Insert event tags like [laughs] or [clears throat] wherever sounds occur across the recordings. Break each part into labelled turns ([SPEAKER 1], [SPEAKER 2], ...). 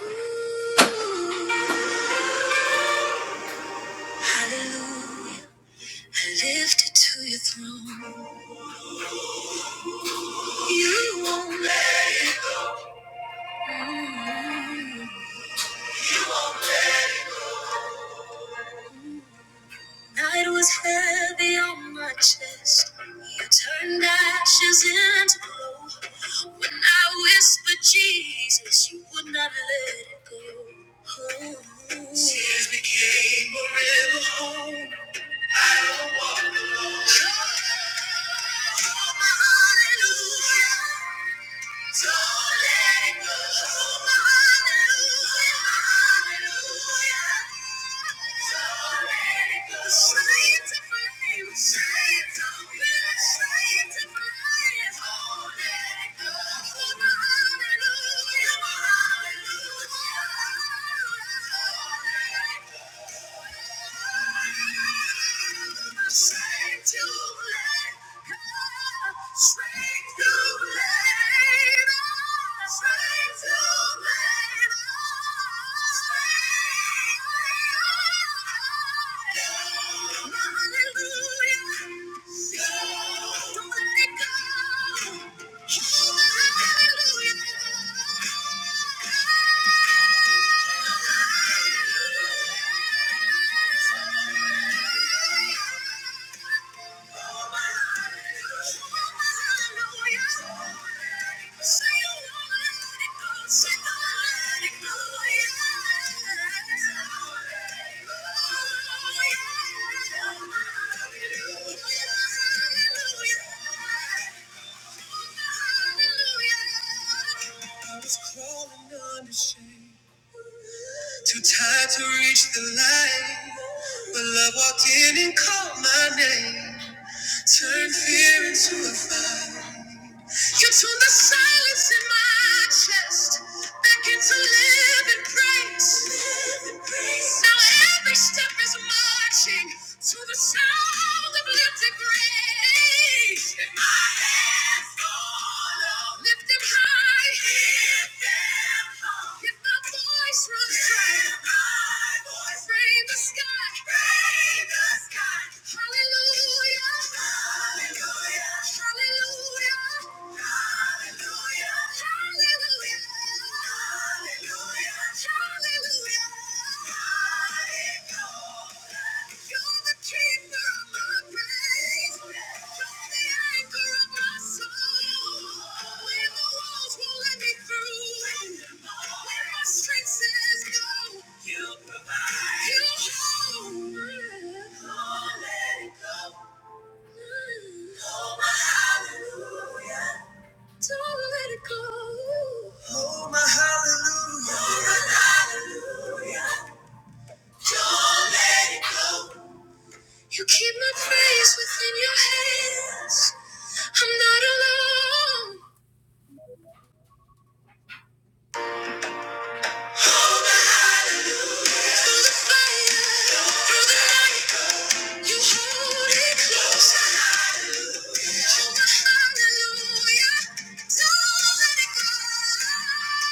[SPEAKER 1] Hallelujah, I lift it to your throne. You won't let night was heavy on my chest. You turned ashes into gold. When I whispered Jesus, you would not let it go. Tears became a river home. I don't walk alone. Oh, hallelujah. Hallelujah. Hallelujah. Hallelujah. Hallelujah. I was crawling under shame. Too tired to reach the light, but love walked in and called my name. Turned fear into a fire. You turned the silence in my chest back into living praise. Now every step is marching to the sound of lifted praise. And my hands go up. Lift them high. Lift them up. If my voice runs dry, If my voice frame the sky. Frame the sky. Hallelujah. Hallelujah. Strength says no. You provide. You hold. Oh, let it go. Oh, my hallelujah. Don't let it go. Oh, my hallelujah. Oh, my hallelujah. Don't let it go. You keep my praise within your hands. I'm not alone. Oh, my hallelujah. Through the fire, through the night. You hold it close. Hallelujah. Don't let it go.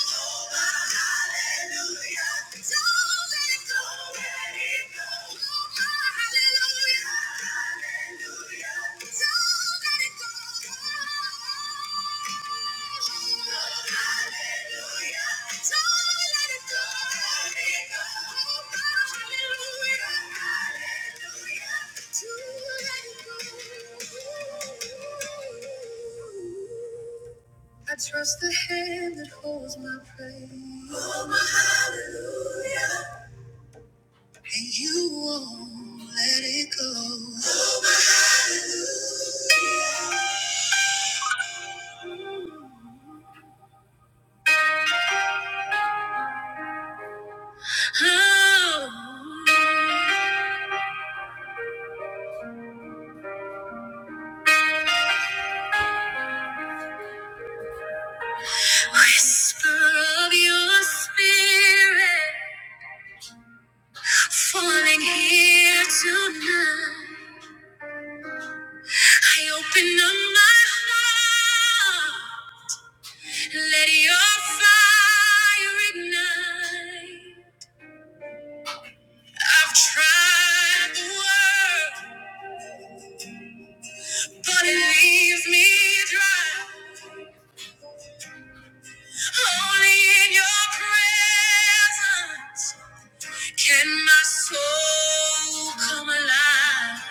[SPEAKER 1] Hallelujah. I trust the hand that holds my praise. Oh, my hallelujah. And you won't let it go. Oh, my hallelujah, Oh, whisper of your spirit falling here tonight. I open up my heart. Let your fire ignite. I've tried the world, but it leaves me dry. Only in your presence can my soul come alive.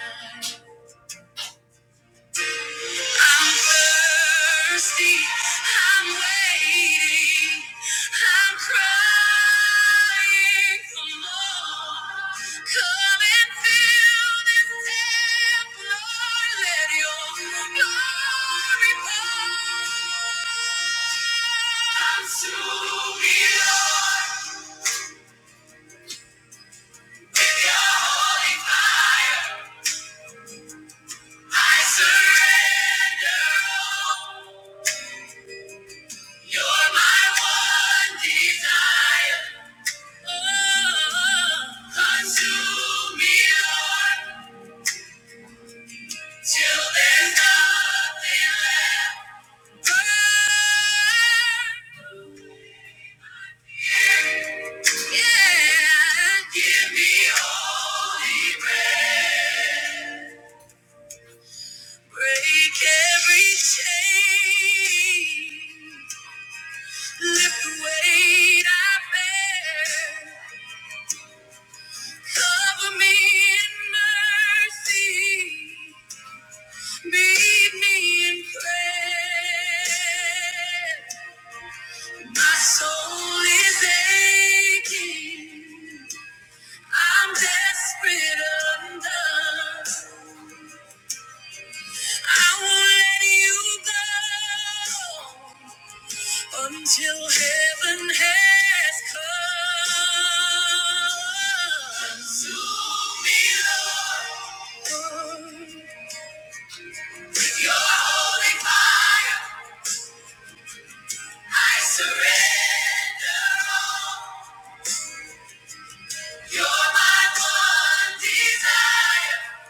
[SPEAKER 1] I'm thirsty. I'm waiting. I'm crying for more. Come and fill this temple. Lord. Let your glory pour. Consume me, Lord, with your holy fire. I surrender all. You're my one desire. Oh, consume me, Lord, till there's nothing left. Burn, yeah. Give me holy breath. Break every chain. Lift the weight I bear. Cover me in mercy. Meet me in prayer. My soul is aching. I'm desperate undone. I won't let you go until heaven has come. Consume me, Lord, with your holy fire. I surrender all. You're my one desire.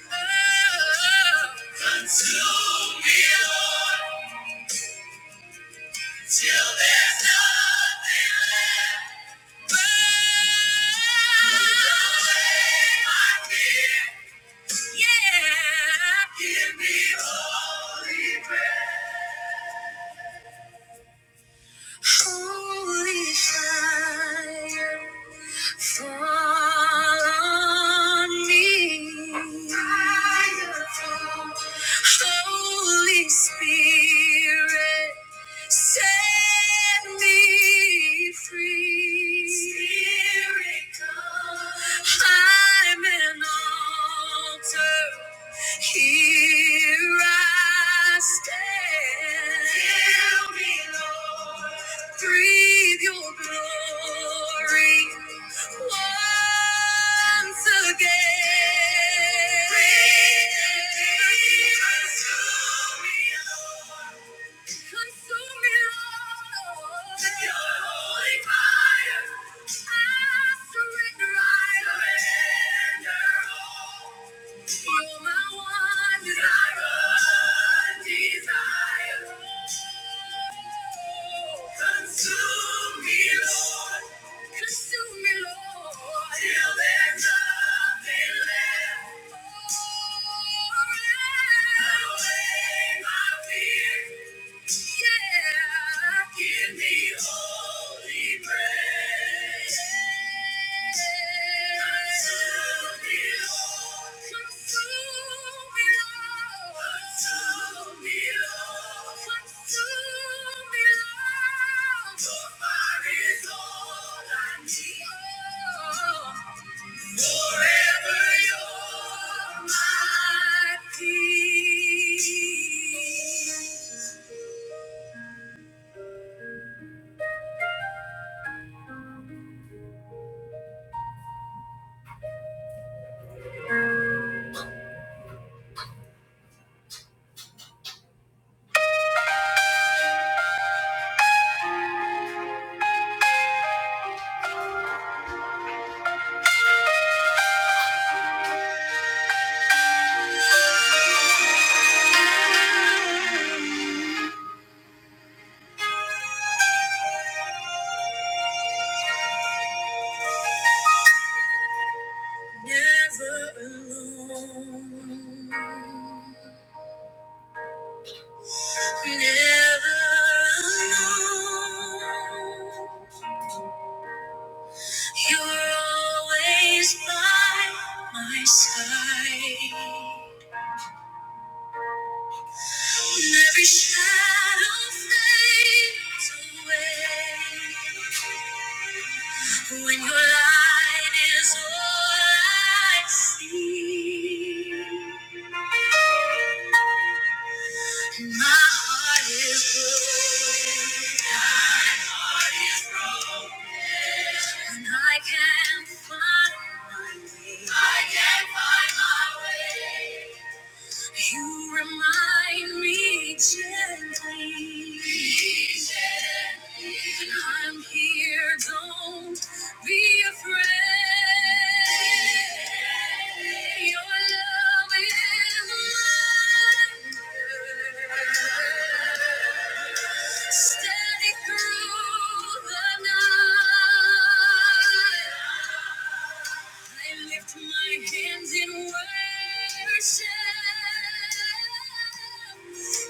[SPEAKER 1] Oh, Consume me, Lord, till there's nothing left. Burn away my fear. Yeah. Give me holy prayer. Holy fire, fall on me. Holy Spirit. Set me free. Spirit, come. I'm an altar. Here I stand. Fill me, Lord. Breathe your glory once again. Breathe, breathe, consume me, Lord. Consume me, Lord, Your holy fire. I surrender all. You're my one desire, desire. Consume me, Lord. Consume me, Lord. Till there's nothing left. Oh, away my fear. Yeah. Give me holy grace. Until me, Lord. Until me, Lord. Until me, Lord. Consume me, Lord. For mine is all I need. Forever you're my peace. Never alone. Never alone. You're always by my side. And every shadow fades away. When your light is all I see. My heart is broken, and I can't find my way. You remind me gently. I'm here, don't be afraid. Your love is mine. Standing through the night, I lift my hands in worship.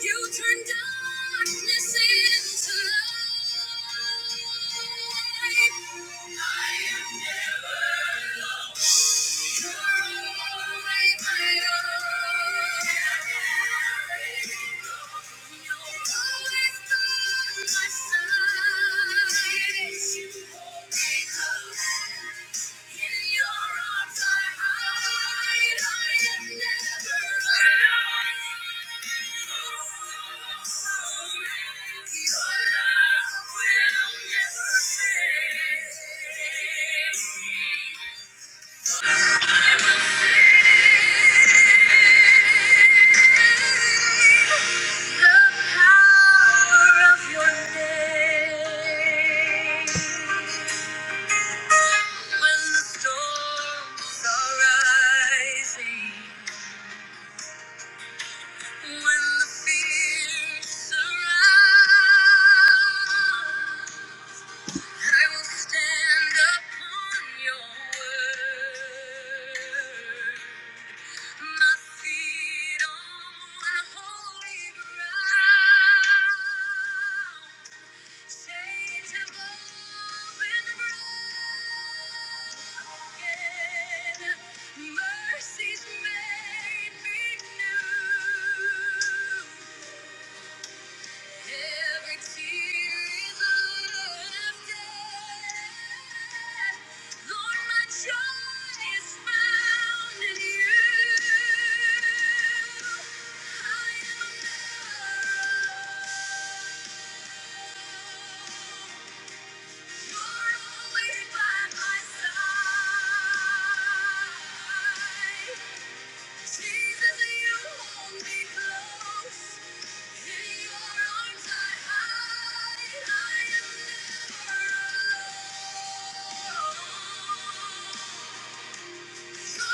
[SPEAKER 1] You turn darkness into light. I am never lost. You're always my own. Everything goes. The power of your name. When the storms are rising, when the fears surround, I will stand upon your word. My feet on holy ground. Thank you alone. Thank you.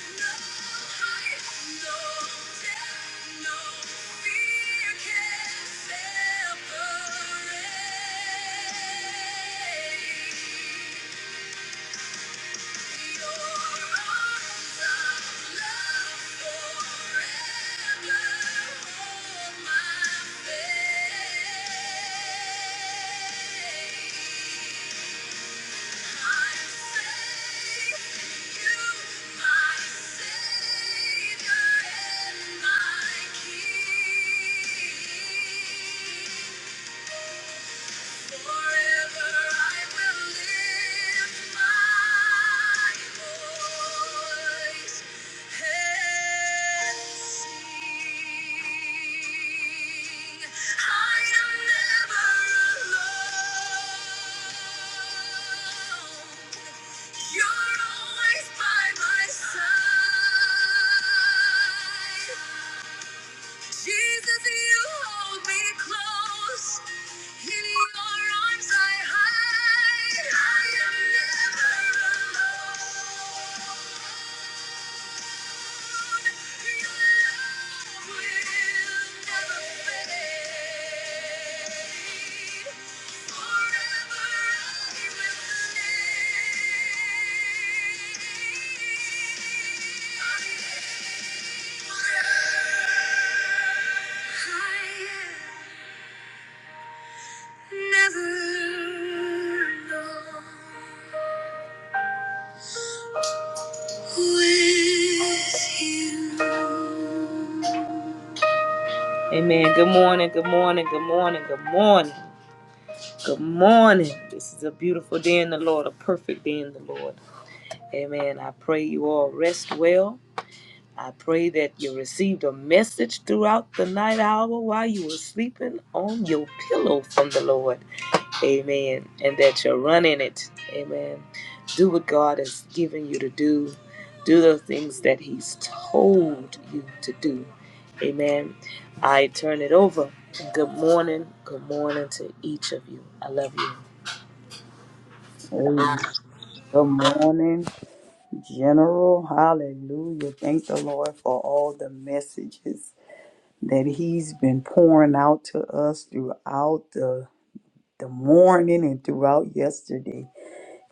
[SPEAKER 1] Yeah. I am never alone. You're always by my side. Jesus, you hold me close. In your arms I hide. I am never alone. With you. Amen. Good morning. Good morning. Good morning. Good morning. Good morning. This is a beautiful day in the Lord, a perfect day in the Lord. Amen. I pray you all rest well. I pray that you received a message throughout the night hour while you were sleeping on your pillow from the Lord. Amen. And that you're running it. Amen. Do what God has given you to do. Do the things that He's told you to do. Amen. I turn it over. Good morning. Good morning to each of you. I love you.
[SPEAKER 2] Hey, good morning, General. Hallelujah. Thank the Lord for all the messages that He's been pouring out to us throughout the, the morning and throughout yesterday.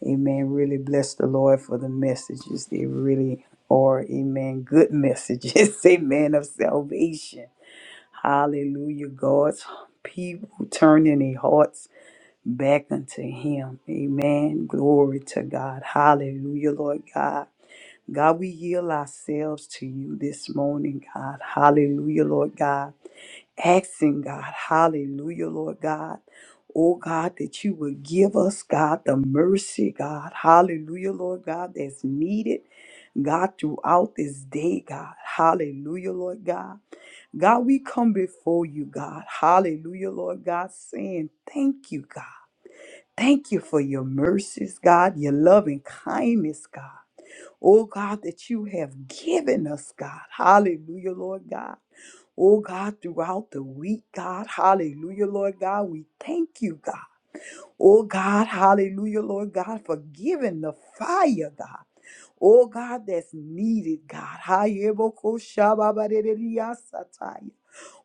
[SPEAKER 2] Amen. Really bless the Lord for the messages. They really are, amen, good messages. [laughs] Amen, of salvation. Hallelujah. God's people turning their hearts back unto him. Amen. Glory to God. Hallelujah, Lord God. God, we yield ourselves to you this morning, God. Hallelujah, Lord God. Asking God, hallelujah, Lord God. Oh God, that you would give us, God, the mercy, God. Hallelujah, Lord God, that's needed, God, throughout this day, God. Hallelujah, Lord God. God, we come before you, God. Hallelujah, Lord God, saying thank you, God. Thank you for your mercies, God, your loving kindness, God. Oh, God, that you have given us, God. Hallelujah, Lord God. Oh, God, throughout the week, God. Hallelujah, Lord God. We thank you, God. Oh, God. Hallelujah, Lord God, for giving the fire, God. Oh, God, that's needed, God. Hayebokoshababareriyasataya.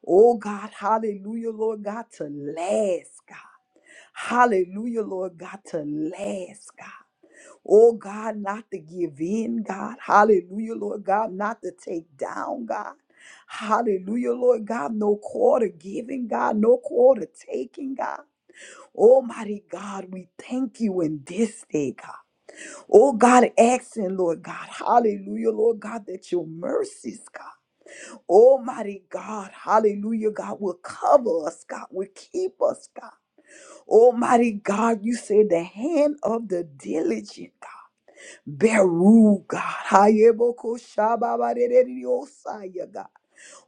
[SPEAKER 2] Oh, God. Hallelujah, Lord God, to last, God. Hallelujah, Lord God, to last, God. Oh God, not to give in, God. Hallelujah, Lord God, not to take down, God. Hallelujah, Lord God, no quarter giving, God, no quarter taking, God. Almighty God, we thank you in this day, God. Oh God, asking, Lord God, hallelujah, Lord God, that your mercies, God. Almighty God, hallelujah, God, will cover us, God, will keep us, God. Almighty God, you say the hand of the diligent God. Beru, God. Hayeboko shababarereosaya, God.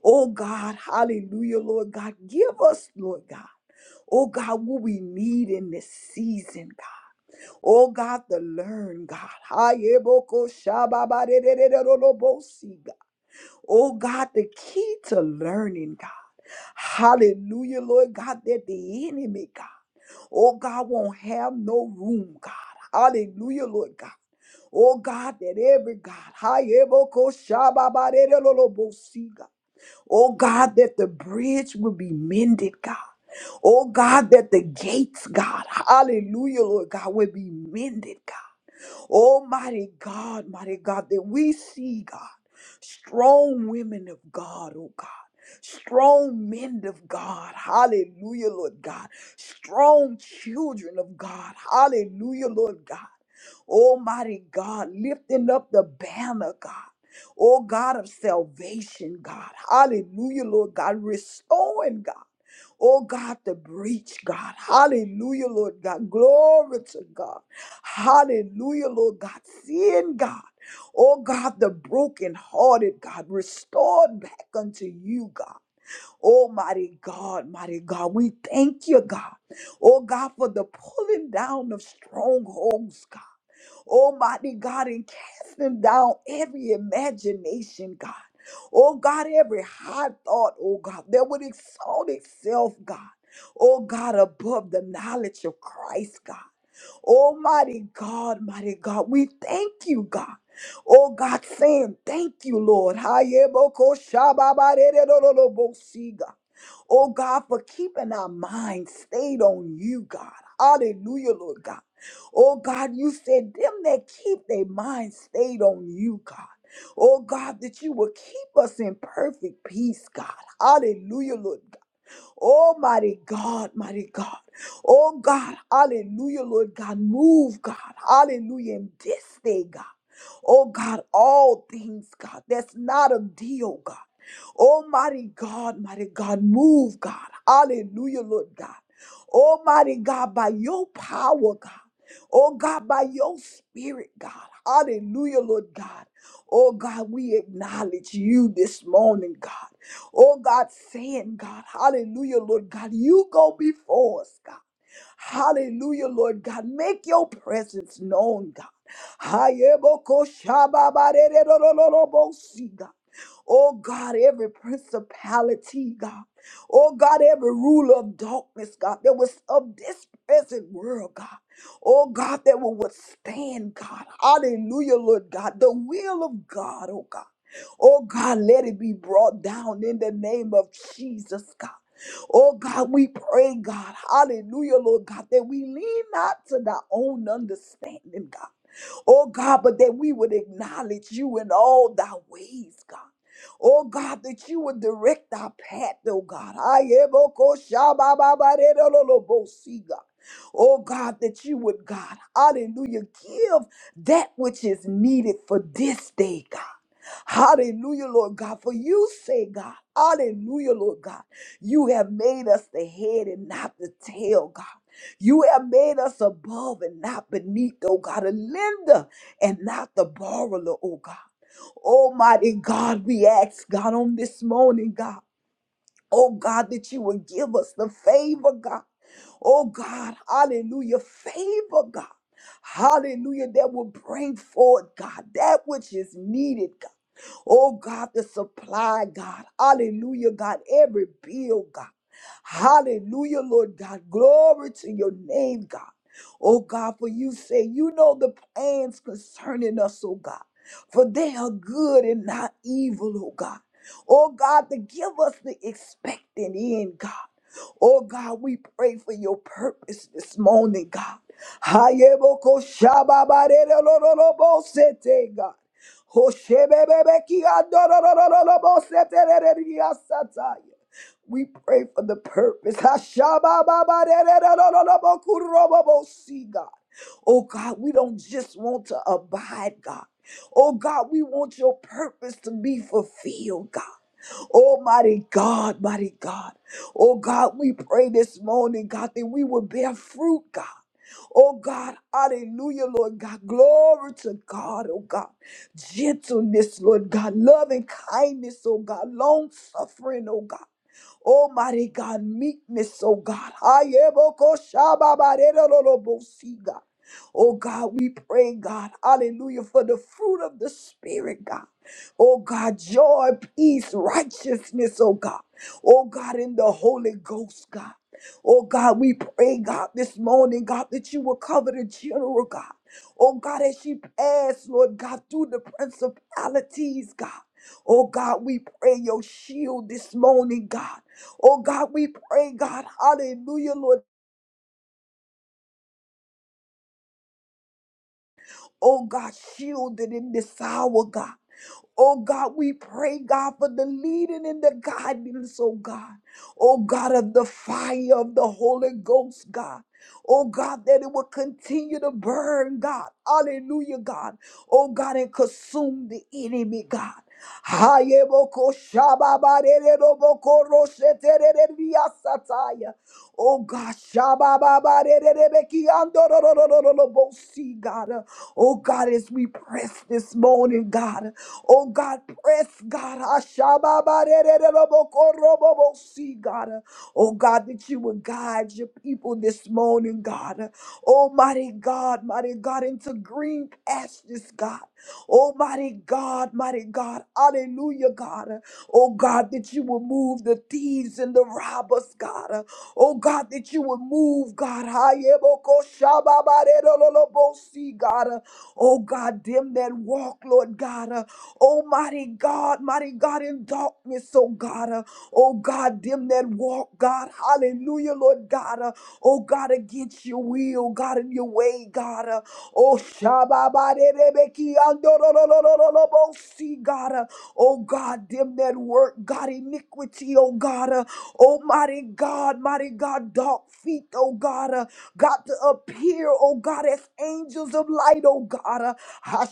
[SPEAKER 2] Oh God, hallelujah, Lord God. Give us, Lord God. Oh God, what we need in this season, God. Oh God, to learn, God. Hayeboko shababarererobosi, God. Oh God, the key to learning, God. Hallelujah, Lord God, that the enemy, God. Oh, God won't have no room, God. Hallelujah, Lord God. Oh, God, that every God, Hayeboko shababarerololobosi, God. oh, God, that the bridge will be mended, God. Oh, God, that the gates, God, hallelujah, Lord God, will be mended, God. Almighty God, mighty God, that we see, God, strong women of God, oh God. Strong men of God, hallelujah, Lord God. Strong children of God, hallelujah, Lord God. Almighty God, lifting up the banner, God. Oh God of salvation, God. Hallelujah, Lord God. Restoring, God. Oh God, the breach, God. Hallelujah, Lord God. Glory to God. Hallelujah, Lord God. Seeing God. Oh God, the brokenhearted God, restored back unto you, God. Almighty God, mighty God, we thank you, God. Oh God, for the pulling down of strongholds, God. Almighty God, and casting down every imagination, God. Oh God, every high thought, oh God, that would exalt itself, God. Oh God, above the knowledge of Christ, God. Almighty God, mighty God, we thank you, God. Oh God, saying thank you, Lord. Hayebokoshababaredorolobosi, God. Oh God, for keeping our minds stayed on you, God. Hallelujah, Lord God. Oh God, you said them that keep their mind stayed on you, God. Oh God, that you will keep us in perfect peace, God. Hallelujah, Lord Oh, mighty God, mighty God. Oh, God, hallelujah, Lord God. Move, God. Hallelujah. In this day, God. Oh, God, all things, God. That's not a deal, God. Almighty God, mighty God, move, God. Hallelujah, Lord God. Almighty God, by your power, God. Oh God, by your spirit, God. Hallelujah, Lord God. Oh God, we acknowledge you this morning, God. Oh God, saying, God, hallelujah, Lord God, you go before us, God. Hallelujah, Lord God. Make your presence known, God. Hayebokoshababarererorororobosi, God. Oh God, every principality, God. Oh God, every ruler of darkness, God, that was of this present world, God. Oh God, that will withstand, God. Hallelujah, Lord God. The will of God, oh God. Oh God, let it be brought down in the name of Jesus, God. Oh God, we pray, God, hallelujah, Lord God, that we lean not to thy own understanding, God. Oh God, but that we would acknowledge you in all thy ways, God. Oh God, that you would direct our path, oh God. Ayeboko shabababarerololobosi, God. Oh God, that you would, God, hallelujah, give that which is needed for this day, God. Hallelujah, Lord God. For you say, God, hallelujah, Lord God. You have made us the head and not the tail, God. You have made us above and not beneath, oh God, a lender and not the borrower, oh God. Almighty God, we ask, God, on this morning, God. Oh God, that you would give us the favor, God. Oh God, hallelujah, favor, God. Hallelujah, that will bring forth, God, that which is needed, God. Oh God, the supply, God. Hallelujah, God. Every bill, God. Hallelujah, Lord God. Glory to your name, God. Oh God, for you say, you know the plans concerning us, oh God. For they are good and not evil, oh God. Oh God, to give us the expectant end, God. Oh God, we pray for your purpose this morning, God. Hayeboko shababarere God. Hoshebebebeki We pray for the purpose. Hashabababarererororobo si, God. Oh God, we don't just want to abide, God. Oh God, we want your purpose to be fulfilled, God. Oh, mighty God, mighty God. Oh, God, we pray this morning, God, that we will bear fruit, God. Oh God, hallelujah, Lord God. Glory to God, oh God. Gentleness, Lord God. Loving kindness, oh God. Long suffering, oh God. Oh, mighty God, meekness, oh God. Ayebokoshababarerolobosi, God. Oh God, we pray, God, hallelujah, for the fruit of the Spirit, God. Oh God, joy, peace, righteousness, oh God. Oh God, in the Holy Ghost, God. Oh God, we pray, God, this morning, God, that you will cover the general, God. Oh God, as she passed, Lord God, through the principalities, God. Oh God, we pray your shield this morning, God. Oh God, we pray, God, hallelujah, Lord. Oh God, shielded in this hour, God. Oh God, we pray, God, for the leading and the guidance, oh God. Oh God, of the fire of the Holy Ghost, God. Oh God, that it will continue to burn, God. Hallelujah, God. Oh God, and consume the enemy, God. Hayeboko shababarereboko roshetererebiasataya. Oh God, shababarerebekiandororororobosi, God. Oh God, as we press this morning, God. Oh God, press God. Ashababarererobokorobobosee, God. Oh God, that you would guide your people this morning, God. Almighty God, mighty God, into green pastures, God. Almighty God, mighty God. Hallelujah, God. Oh God, that you would move the thieves and the robbers, God. Oh God, that you would move, God. Hayebokoshababarerololobosee, God. Oh God, them that walk, Lord God. Oh, mighty God, mighty God, in darkness, oh God. Uh, oh God, them that walk, God. Hallelujah, Lord God. Uh, oh God, against your will, God, in your way, God. Uh, oh Shababaderebeki andorororororobosi, God. Uh, oh God, them that work, God, iniquity, oh God. Uh, oh mighty God, mighty God, dark feet, oh God. Uh, got to appear, oh God, as angels of light, oh God. uh, Oh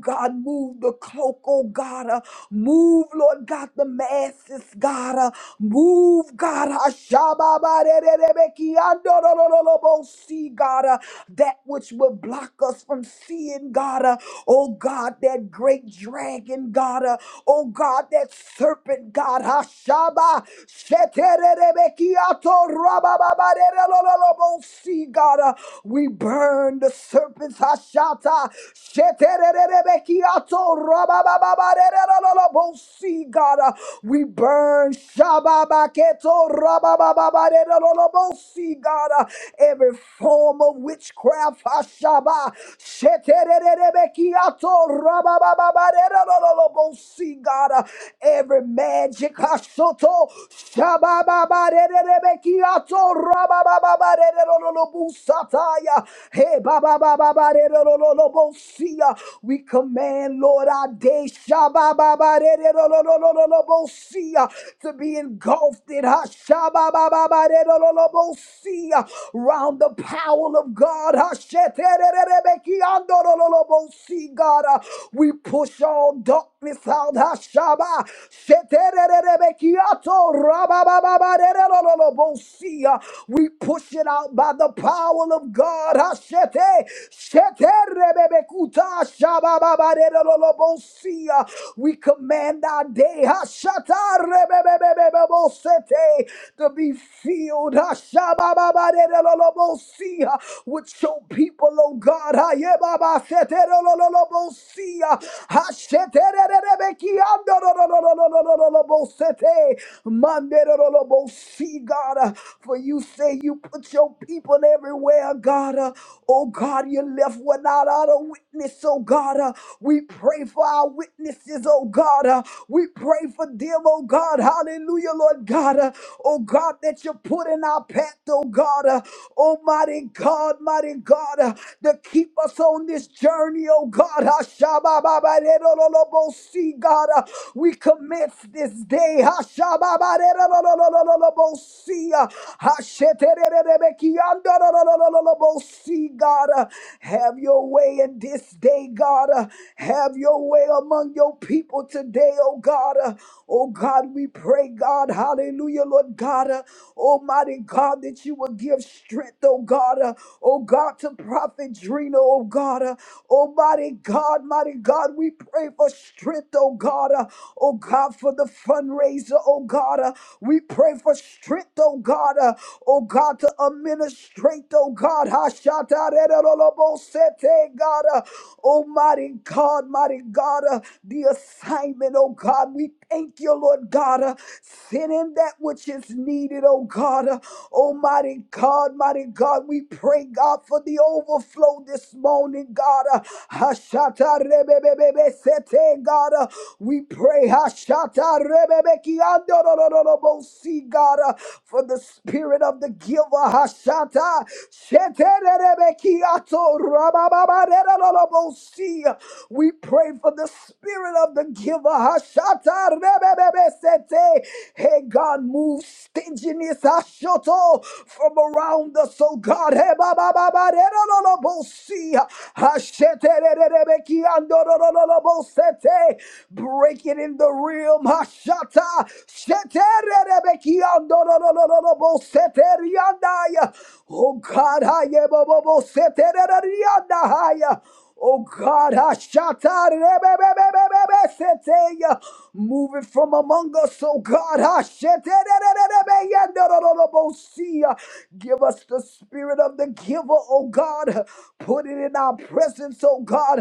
[SPEAKER 2] God, move the cloak, oh God. Move, Lord God, the masses, God, Uh, move, God, Hashabah, barererebeki, adoradoradorobos, see, God, uh, that which will block us from seeing, God, Uh, oh God, that great dragon, God, Uh, oh God, that serpent, God, Hashabah, shetererebeki, atorabababarelerelerobos, see, God, Uh, we burn the serpent, Hashata, shetererebeki, atorab. Rababababarerelolobo cigarra, we burn. Shabababeketo. Rababababarerelolobo cigarra, every form of witchcraft. Ashaba. Setereberebekyato. Rababababarerelolobo cigarra, every magic. Ashoto. Shabababareberebekyato. Rababababarerelolobo sataya. Hey babababarerelolobo siah. We command, Lord, our day Shabababaredololololobosia, to be engulfed in her Shabababaredolololobosia, round the power of God. Hashetererebekiandolololobosi, God, Uh, we push all darkness out. Hashaba. Shetererebekiato rababababaredolololobosia. We push it out by the power of God. Hashete. Rebebekuta shabababarerololobosia. We command our day hashata rebebebebebosete, to be filled hashabababarerololobosia, with your people, O God. Hayebabaseterololobosia, hashetererebekiandorolololobosete, manderololobosi, God. For you say you put your people everywhere, God. Oh God, you left without a witness, oh God. Uh, we pray for our witnesses, oh God. Uh, we pray for them, oh God. Hallelujah, Lord God. Uh, oh God, that you put in our path, oh God. Uh, almighty God, mighty God, uh, to keep us on this journey, oh God. Hashabababaredololobosi, God, uh, we commence this day. Hashabababaredololololobosi, uh, hashetererebekiandololololobosi, See, God, uh, have your way in this day, God. uh, Have your way among your people today, oh God. uh, Oh God, we pray, God, hallelujah, Lord God, uh, Almighty God, that you will give strength, oh God, uh, oh God, to Prophet Drina, oh God, uh, Almighty God, mighty God, we pray for strength, oh God, uh, oh God, for the fundraiser, oh God, uh, we pray for strength, oh God, uh, oh God, to to administrate, oh God. Hashatarerolobosete, God, uh, Almighty God, mighty God, uh, the assignment, oh God. We thank you, Lord God. Uh, send in that which is needed, oh God. Uh, Almighty God, mighty God, we pray, God, for the overflow this morning, God. Uh, Hashatarebebebebesete, God, uh, we pray, Hashata Rebebe kiando no, no, no, no, bo Hashatarebebekiandorororobosi, God, uh, for the the spirit of the giver. Hashata. Shetererebekiato rabababarerolobosi. We pray for the spirit of the giver. Hashata rebebebesete. Hey God, move stinginess Hashoto, from around us, oh God. Hey, babababarerolobosi. Hashetererebekiandorolobosete. Break it in the realm. Hashata. Oh God, I Oh God, Hashata Rebebebebebe Seteya. Move it from among us, oh God, Hashete. Give us the spirit of the giver, oh God. Put it in our presence, oh God.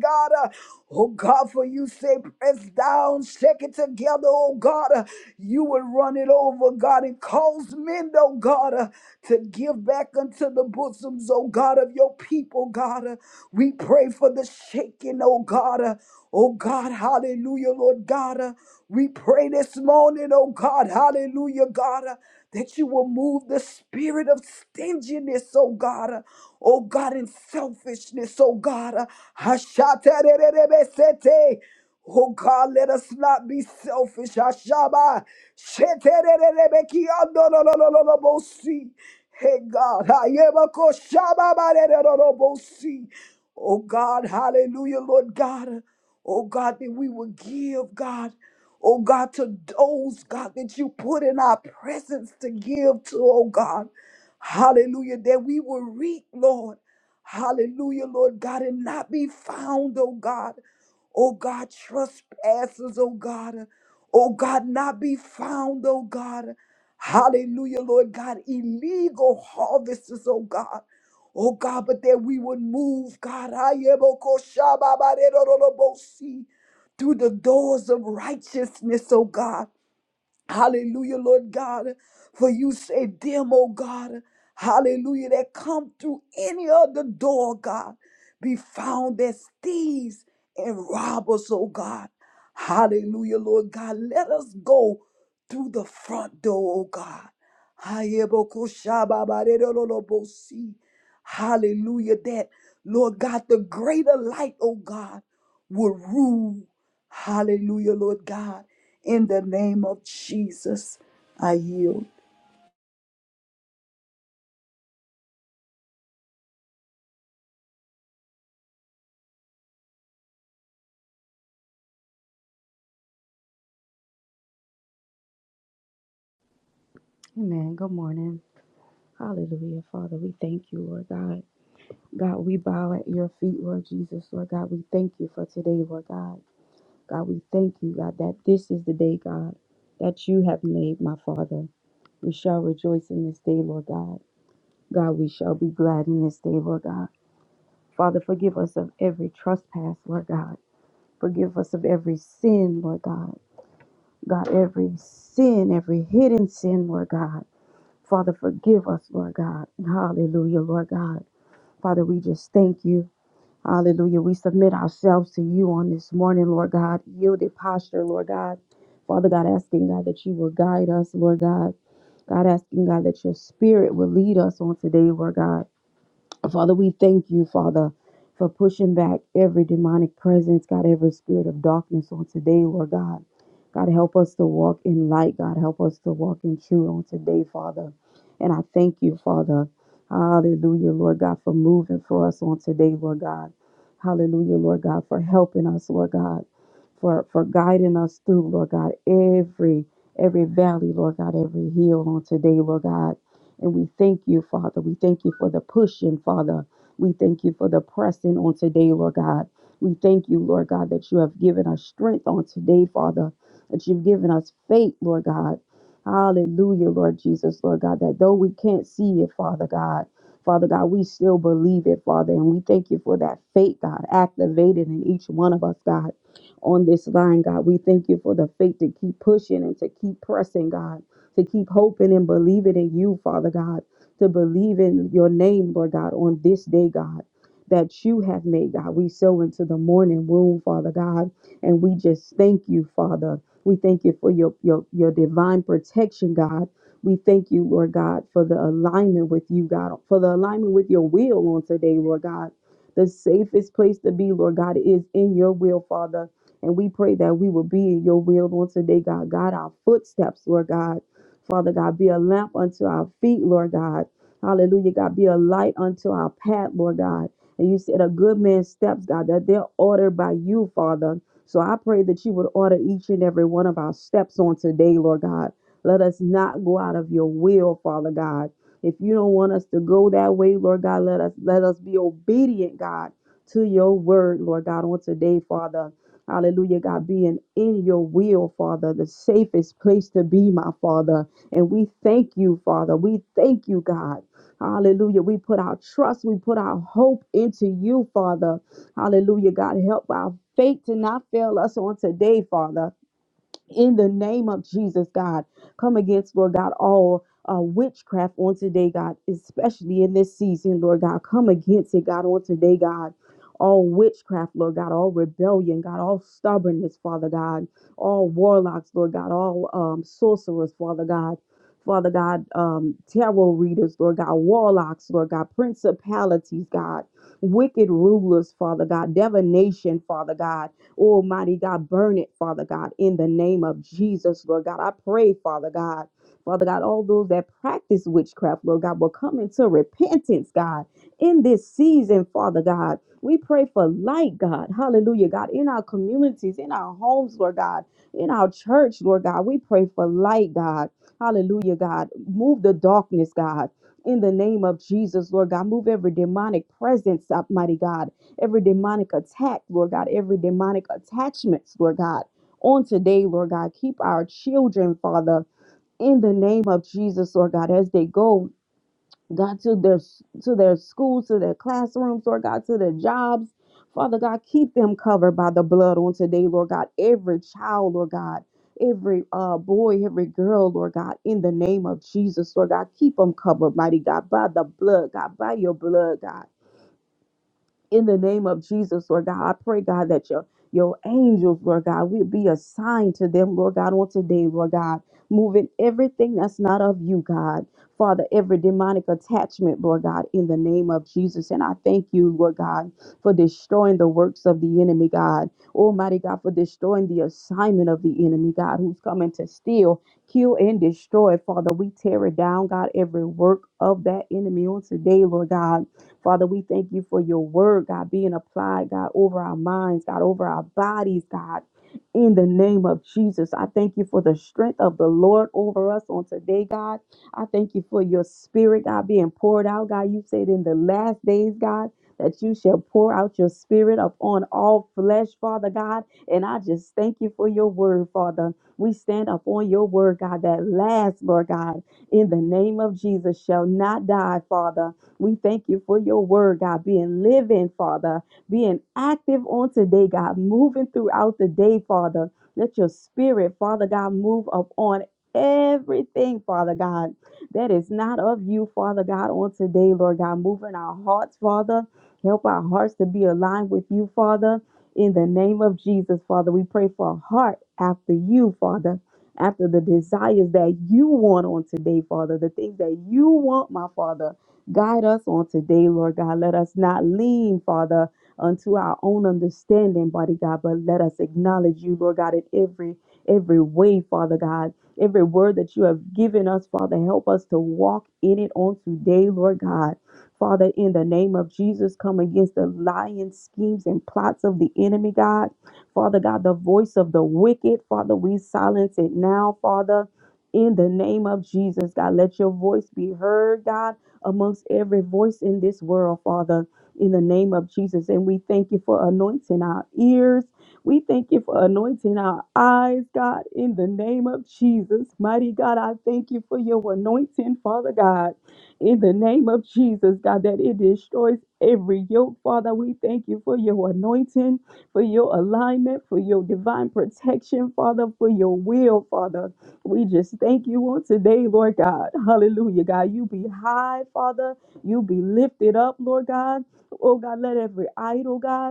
[SPEAKER 2] God. Oh God, for you say, press down, shake it together, oh God. You will run it over, God, and cause men, oh God, to give back unto the bosoms, oh God, of your people, God. We pray for the shaking, oh God. Oh God, hallelujah, Lord God. We pray this morning, oh God, hallelujah, God, uh, that you will move the spirit of stinginess, oh God, uh, oh God, and selfishness, oh God. uh, hashatererebesete. Oh God, let us not be selfish. Hashaba. shetererebekiandololololobosi. Hey God, hayebakoshababarerorolobosi. oh God, hallelujah, Lord God. Oh God, that we will give, God. Oh God, to those, God, that you put in our presence to give to, oh God. Hallelujah, that we will reap, Lord. Hallelujah, Lord God, and not be found, oh God. Oh God, trespassers, oh God. Oh God, not be found, oh God. Hallelujah, Lord God, illegal harvesters, oh God. Oh God, but that we would move, God. Ayebokoshababaredorobosi through the doors of righteousness, oh God. Hallelujah, Lord God. For you say, them, oh God, hallelujah, that come through any other door, God, be found as thieves and robbers, oh God. Hallelujah, Lord God. Let us go through the front door, oh God. Hayebokoshababarerololobosi. Hallelujah, that, Lord God, the greater light, oh God, will rule. Hallelujah, Lord God. In the name of Jesus, I yield.
[SPEAKER 3] Amen. Good morning. Hallelujah. Father, we thank you, Lord God. God, we bow at your feet, Lord Jesus. Lord God, we thank you for today, Lord God. God, we thank you, God, that this is the day, God, that you have made, my Father. We shall rejoice in this day, Lord God. God, we shall be glad in this day, Lord God. Father, forgive us of every trespass, Lord God. Forgive us of every sin, Lord God. God, every sin, every hidden sin, Lord God. Father, forgive us, Lord God. Hallelujah, Lord God. Father, we just thank you. Hallelujah. We submit ourselves to you on this morning, Lord God. Yielded posture, Lord God. Father God, asking God that you will guide us, Lord God. God, asking God that your spirit will lead us on today, Lord God. Father, we thank you, Father, for pushing back every demonic presence, God, every spirit of darkness on today, Lord God. God, help us to walk in light. God, help us to walk in truth on today, Father. And I thank you, Father. Hallelujah, Lord God, for moving for us on today, Lord God. Hallelujah, Lord God, for helping us, Lord God, for, for guiding us through, Lord God, every every valley, Lord God, every hill on today, Lord God. And we thank you, Father. We thank you for the pushing, Father. We thank you for the pressing on today, Lord God. We thank you, Lord God, that you have given us strength on today, Father, that you've given us faith, Lord God. Hallelujah, Lord Jesus, Lord God, that though we can't see it, Father God, Father God, we still believe it, Father, and we thank you for that faith, God, activated in each one of us, God, on this line, God. We thank you for the faith to keep pushing and to keep pressing, God to keep hoping and believing in you, Father God, to believe in your name, Lord God, on this day, God. That you have made, God. We sow into the morning womb, Father God, and we just thank you, Father. We thank you for your, your, your divine protection, God. We thank you, Lord God, for the alignment with you, God, for the alignment with your will on today, Lord God. The safest place to be, Lord God, is in your will, Father. And we pray that we will be in your will on today, God. God, our footsteps, Lord God. Father God, be a lamp unto our feet, Lord God. Hallelujah, God, be a light unto our path, Lord God. And you said a good man's steps, God, that they're ordered by you, Father. So I pray that you would order each and every one of our steps on today, Lord God. Let us not go out of your will, Father God. If you don't want us to go that way, Lord God, let us let us be obedient, God, to your word, Lord God, on today, Father. Hallelujah, God, being in your will, Father, the safest place to be, my Father. And we thank you, Father. We thank you, God. Hallelujah. We put our trust, we put our hope into you, Father. Hallelujah, God. Help our faith to not fail us on today, Father in the name of Jesus, God. Come against, Lord God, all uh, witchcraft on today, God, especially in this season, Lord God. Come against it, God, on today, God. All witchcraft, Lord God, all rebellion, God, all stubbornness, Father God, all warlocks, Lord God, all um, sorcerers, Father God, Father God, um, tarot readers, Lord God, warlocks, Lord God, principalities, God, wicked rulers, Father God, divination, Father God. Almighty God, burn it, Father God, in the name of Jesus, Lord God. I pray, Father God. Father God, all those that practice witchcraft, Lord God, will come into repentance, God, in this season, Father God. We pray for light, God. Hallelujah, God, in our communities, in our homes, Lord God, in our church, Lord God. We pray for light, God. Hallelujah, God. Move the darkness, God. In the name of Jesus, Lord God, move every demonic presence, Almighty God every demonic attack, Lord God, every demonic attachments, Lord God. On today, Lord God, keep our children, Father, in the name of Jesus, Lord God, as they go, God, to their to their schools, to their classrooms, Lord God, to their jobs. Father God, keep them covered by the blood on today, Lord God. Every child, Lord God, every uh, boy, every girl, Lord God, in the name of Jesus, Lord God, keep them covered, mighty God, by the blood, God, by your blood, God in the name of Jesus, Lord God. I pray, God, that your your angels, Lord God, will be assigned to them, Lord God, on today, Lord God, moving everything that's not of you, God. Father, every demonic attachment, Lord God, in the name of Jesus. And I thank you, Lord God, for destroying the works of the enemy, God. Almighty God, for destroying the assignment of the enemy, God, who's coming to steal, kill, and destroy. Father, we tear it down, God, every work of that enemy on today, Lord God. Father, we thank you for your word, God, being applied, God, over our minds, God, over our bodies, God. In the name of Jesus, I thank you for the strength of the Lord over us on today, God. I thank you for your spirit, God, being poured out, God. You said in the last days, God, that you shall pour out your spirit upon all flesh, Father God. And I just thank you for your word, Father. We stand upon your word, God, that last, Lord God, in the name of Jesus, shall not die, Father. We thank you for your word, God, being living, Father, being active on today, God, moving throughout the day, Father. Let your spirit, Father God, move up on everything, Father God, that is not of you, Father God, on today, Lord God. Moving our hearts, Father. Help our hearts to be aligned with you, Father. In the name of Jesus, Father, we pray for a heart after you, Father after the desires that you want on today, Father, the things that you want, my Father. Guide us on today, Lord God. Let us not lean, Father, unto our own understanding, body God, but let us acknowledge you, Lord God, in every every way, Father God. Every word that you have given us, Father, help us to walk in it on today, Lord God. Father, in the name of Jesus, come against the lying schemes and plots of the enemy, God. Father God, the voice of the wicked, Father, we silence it now, Father. In the name of Jesus, God, let your voice be heard, God amongst every voice in this world, Father, in the name of Jesus. And we thank you for anointing our ears. We thank you for anointing our eyes, God, in the name of Jesus. Mighty God, I thank you for your anointing, Father God, in the name of Jesus, God, that it destroys every yoke, Father. We thank you for your anointing, for your alignment, for your divine protection, Father, for your will, Father. We just thank you on today, Lord God. Hallelujah, God. You be high, Father. You be lifted up, Lord God. Oh, God, let every idol, God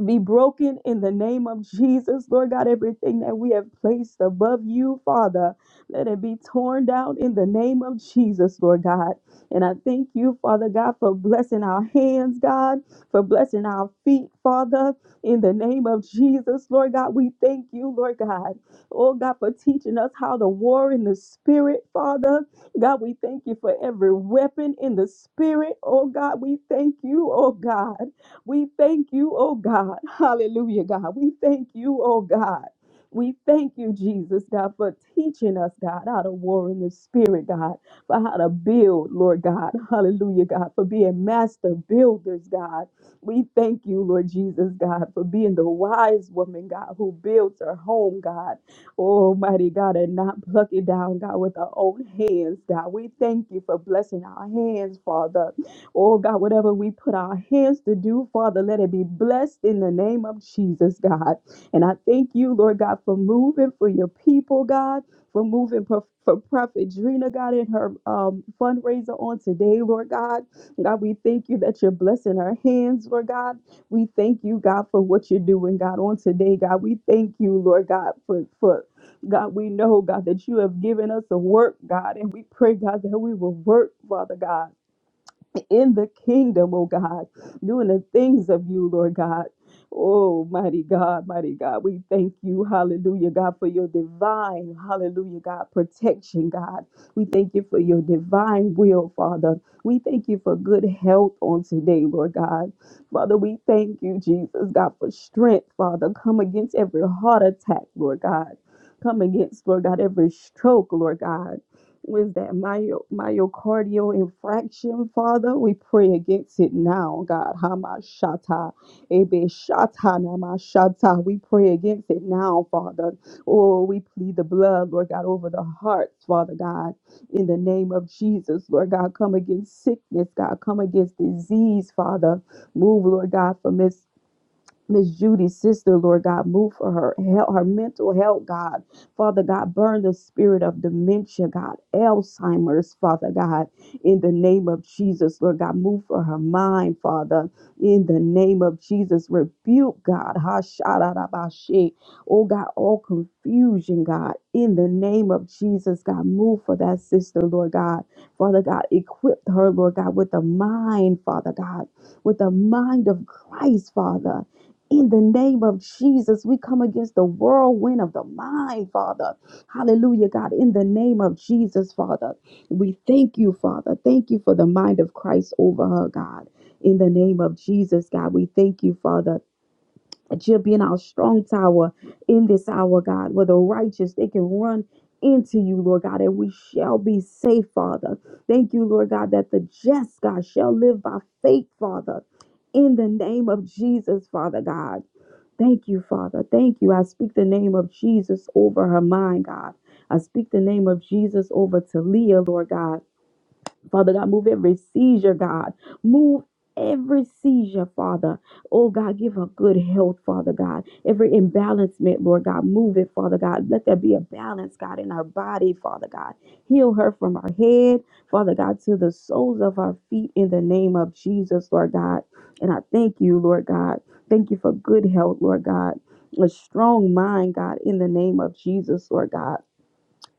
[SPEAKER 3] be broken in the name of Jesus. Lord God, everything that we have placed above you, Father, let it be torn down in the name of Jesus, Lord God. And I thank you, Father God, for blessing our hands, God, for blessing our feet, Father, in the name of Jesus, Lord God. We thank you, Lord God. Oh, God, for teaching us how to war in the spirit, Father. God, we thank you for every weapon in the spirit. Oh, God, we thank you, oh, God. We thank you, oh God. [laughs] Hallelujah, God. We thank you, oh God. We thank you, Jesus, God, for teaching us, God, how to war in the spirit, God, for how to build, Lord God. [laughs] Hallelujah, God, for being master builders, God. We thank you, Lord Jesus, God, for being the wise woman, God, who builds her home, God. Almighty God, and not pluck it down, God, with our own hands, God. We thank you for blessing our hands, Father. Oh God, whatever we put our hands to do, Father, let it be blessed in the name of Jesus, God. And I thank you, Lord God, for moving for your people, God, for moving for, for Prophet Drina, God, in her um, fundraiser on today, Lord God. God, we thank you that you're blessing her hands, Lord God. We thank you, God, for what you're doing, God, on today, God. We thank you, Lord God, for for God, we know, God, that you have given us a work, God, and we pray, God, that we will work, Father God in the kingdom, oh God, doing the things of you, Lord God. Oh, mighty God, mighty God, we thank you, hallelujah, God, for your divine, hallelujah, God, protection, God. We thank you for your divine will, Father. We thank you for good health on today, Lord God. Father, we thank you, Jesus, God, for strength, Father. Come against every heart attack, Lord God. Come against, Lord God, every stroke, Lord God was that myo- myocardial infraction, Father. We pray against it now, God. Hamashata, Ebeshata, Namashata. We pray against it now, Father. Oh, we plead the blood, Lord God, over the hearts, Father God, in the name of Jesus, Lord God. Come against sickness, God. Come against disease, Father. Move, Lord God, from this. Miss Judy's sister, Lord God, move for her help, her mental health, God. Father God, burn the spirit of dementia, God, Alzheimer's, Father God, in the name of Jesus, Lord God, move for her mind, Father, in the name of Jesus, rebuke God, Hasharabashe, oh God, all confusion, God, in the name of Jesus, God, move for that sister, Lord God, Father God, equip her, Lord God, with a mind, Father God, with the mind of Christ, Father in the name of Jesus, we come against the whirlwind of the mind, Father. Hallelujah, God. In the name of Jesus, Father, we thank you, Father. Thank you for the mind of Christ over her, God. In the name of Jesus, God, we thank you, Father. That you're being our strong tower in this hour, God, where the righteous they can run into you, Lord God, and we shall be safe, Father. Thank you, Lord God, that the just God shall live by faith, Father. In the name of Jesus, Father God. Thank you, Father. Thank you. I speak the name of Jesus over her mind, God. I speak the name of Jesus over Talia, Lord God. Father God, move every seizure, God. Move every seizure, Father. Oh God, give her good health, Father God. Every imbalancement, Lord God, move it, Father God. Let there be a balance, God, in her body, Father God. Heal her from her head, Father God, to the soles of her feet in the name of Jesus, Lord God. And I thank you, Lord God. Thank you for good health, Lord God. A strong mind, God, in the name of Jesus, Lord God.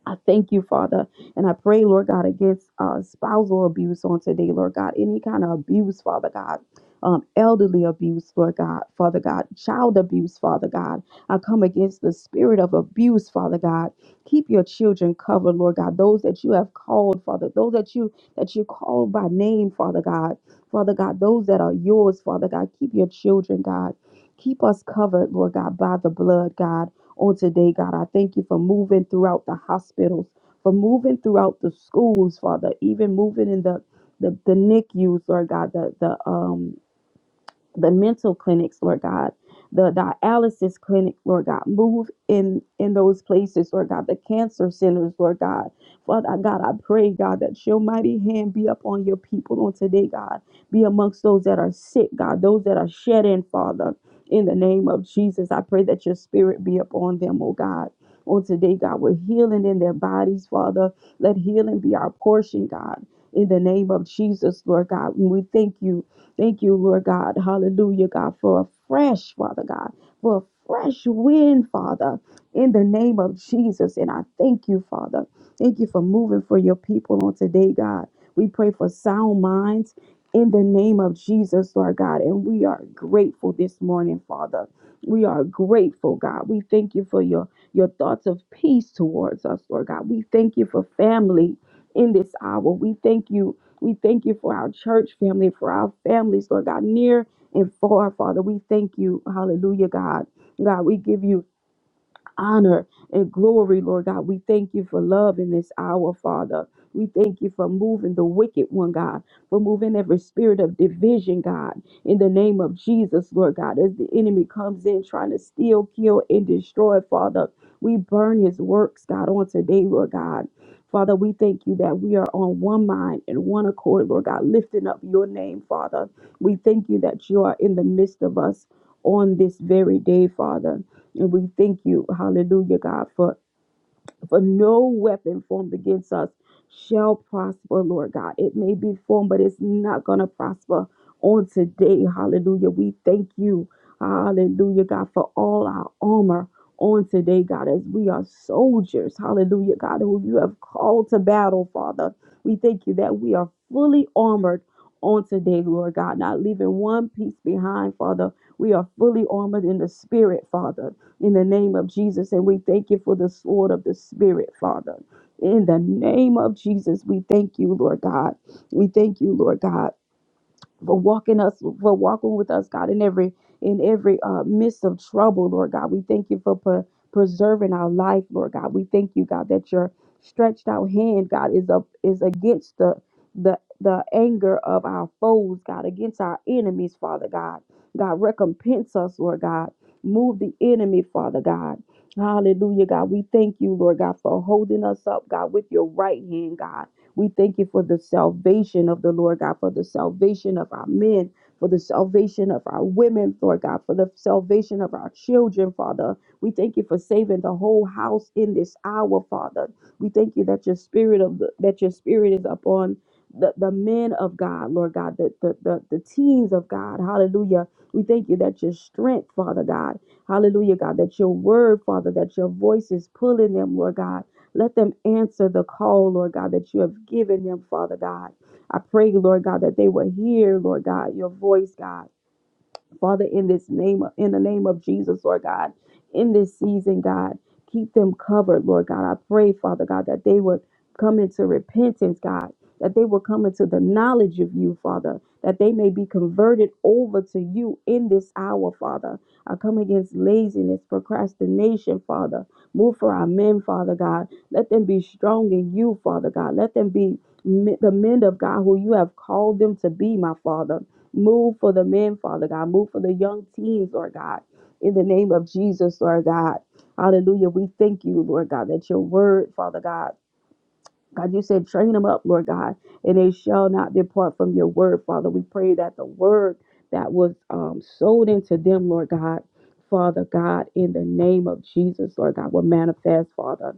[SPEAKER 3] I thank you, Father. And I pray, Lord God, against uh, spousal abuse on today, Lord God. Any kind of abuse, Father God. Um, elderly abuse, Lord God, Father God, child abuse, Father God. I come against the spirit of abuse, Father God. Keep your children covered, Lord God. Those that you have called, Father, those that you that you called by name, Father God. Father God, those that are yours, Father God. Keep your children, God. Keep us covered, Lord God, by the blood, God on today, God. I thank you for moving throughout the hospitals, for moving throughout the schools, Father, even moving in the the, the NICUs, Lord God, the the um the mental clinics, Lord God, the dialysis clinic, Lord God, move in in those places, Lord God, the cancer centers, Lord God. Father God, I pray, God, that your mighty hand be upon your people on today, God. Be amongst those that are sick, God, those that are shed in, Father. In the name of Jesus, I pray that your spirit be upon them, oh God. On today, God, with healing in their bodies, Father. Let healing be our portion, God. In the name of Jesus, Lord God, we thank you Thank you, Lord God. Hallelujah, God, for a fresh, Father God, for a fresh wind, Father, in the name of Jesus. And I thank you, Father. Thank you for moving for your people on today, God. We pray for sound minds in the name of Jesus, Lord God. And we are grateful this morning, Father. We are grateful, God. We thank you for your, your thoughts of peace towards us, Lord God. We thank you for family in this hour. We thank you we thank you for our church family, for our families, Lord God, near and far, Father. We thank you. Hallelujah, God. God, we give you honor and glory, Lord God. We thank you for love in this hour, Father. We thank you for moving the wicked one, God, for moving every spirit of division, God, in the name of Jesus, Lord God. As the enemy comes in trying to steal, kill, and destroy, Father, we burn his works, God, on today, Lord God. Father, we thank you that we are on one mind and one accord, Lord God, lifting up your name, Father. We thank you that you are in the midst of us on this very day, Father. And we thank you, hallelujah, God, for, for no weapon formed against us shall prosper, Lord God. It may be formed, but it's not going to prosper on today, hallelujah. We thank you, hallelujah, God, for all our armor on today, God, as we are soldiers, hallelujah, God, who you have called to battle, Father. We thank you that we are fully armored on today, Lord God, not leaving one piece behind, Father. We are fully armored in the spirit, Father in the name of Jesus. And we thank you for the sword of the Spirit, Father. In the name of Jesus, we thank you, Lord God. We thank you, Lord God for walking us for walking with us god in every in every uh, midst of trouble lord god we thank you for pre- preserving our life lord god we thank you god that your stretched out hand god is up is against the the the anger of our foes god against our enemies father god god recompense us lord god move the enemy father god Hallelujah, God. We thank you, Lord God, for holding us up, God, with your right hand, God. We thank you for the salvation of the Lord God, for the salvation of our men, for the salvation of our women, Lord God, for the salvation of our children, Father. We thank you for saving the whole house in this hour, Father. We thank you that your spirit of the, that your spirit is upon the, the men of God, Lord God, the, the, the, the teens of God. Hallelujah. We thank you that your strength, Father God. Hallelujah, God, that your word, Father, that your voice is pulling them, Lord God. Let them answer the call, Lord God, that you have given them, Father God. I pray, Lord God, that they will hear, Lord God, your voice, God. Father, in this name, in the name of Jesus, Lord God, in this season, God, keep them covered, Lord God. I pray, Father God, that they would come into repentance, God, that they will come into the knowledge of you, Father, that they may be converted over to you in this hour, Father. I come against laziness, procrastination, Father. Move for our men, Father God. Let them be strong in you, Father God. Let them be me- the men of God who you have called them to be, my Father. Move for the men, Father God. Move for the young teens, Lord God. In the name of Jesus, Lord God. Hallelujah. We thank you, Lord God, that your word, Father God. God, you said, train them up, Lord God, and they shall not depart from your word, Father. We pray that the word that was um, sold into them, Lord God, Father God, in the name of Jesus, Lord God, will manifest, Father.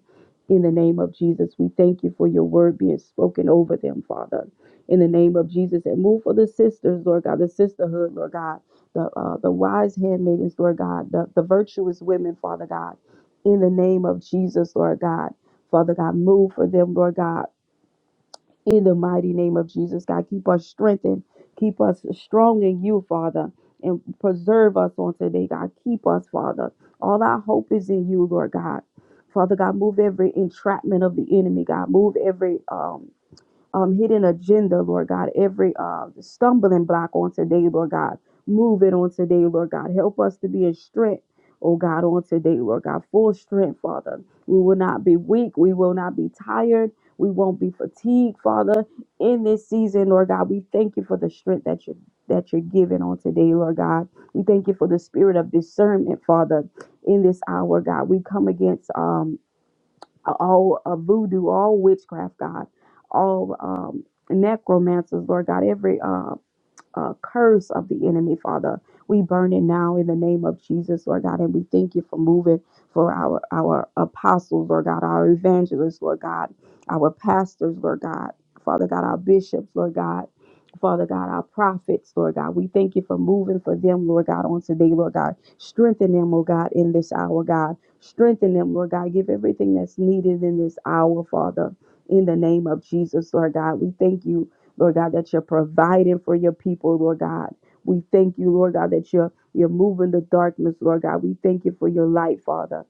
[SPEAKER 3] In the name of Jesus, we thank you for your word being spoken over them, Father. In the name of Jesus, and move for the sisters, Lord God, the sisterhood, Lord God, the uh, the wise handmaidens, Lord God, the, the virtuous women, Father God. In the name of Jesus, Lord God. Father God, move for them, Lord God, in the mighty name of Jesus. God, keep us strengthened, keep us strong in you, Father, and preserve us on today, God. Keep us, Father. All our hope is in you, Lord God. Father God, move every entrapment of the enemy, God. Move every um um, hidden agenda, Lord God, every uh, stumbling block on today, Lord God. Move it on today, Lord God. Help us to be in strength, oh God, on today, Lord God. Full strength, Father. We will not be weak. We will not be tired. We won't be fatigued, Father. In this season, Lord God, we thank you for the strength that you that you're giving on today, Lord God. We thank you for the spirit of discernment, Father. In this hour, God, we come against um all uh, voodoo, all witchcraft, God, all um, necromancers, Lord God, every um, uh, curse of the enemy, Father. We burn it now in the name of Jesus, Lord God, and we thank you for moving for our our apostles, Lord God, our evangelists, Lord God, our pastors, Lord God, Father God, our bishops, Lord God. Father God, our prophets, Lord God, we thank you for moving for them, Lord God, on today, Lord God. Strengthen them, oh God, in this hour, God. Strengthen them, Lord God. Give everything that's needed in this hour, Father. In the name of Jesus, Lord God, we thank you Lord God, that you're providing for your people, Lord God. We thank you, Lord God, that you're you're moving the darkness, Lord God. We thank you for your light, Father.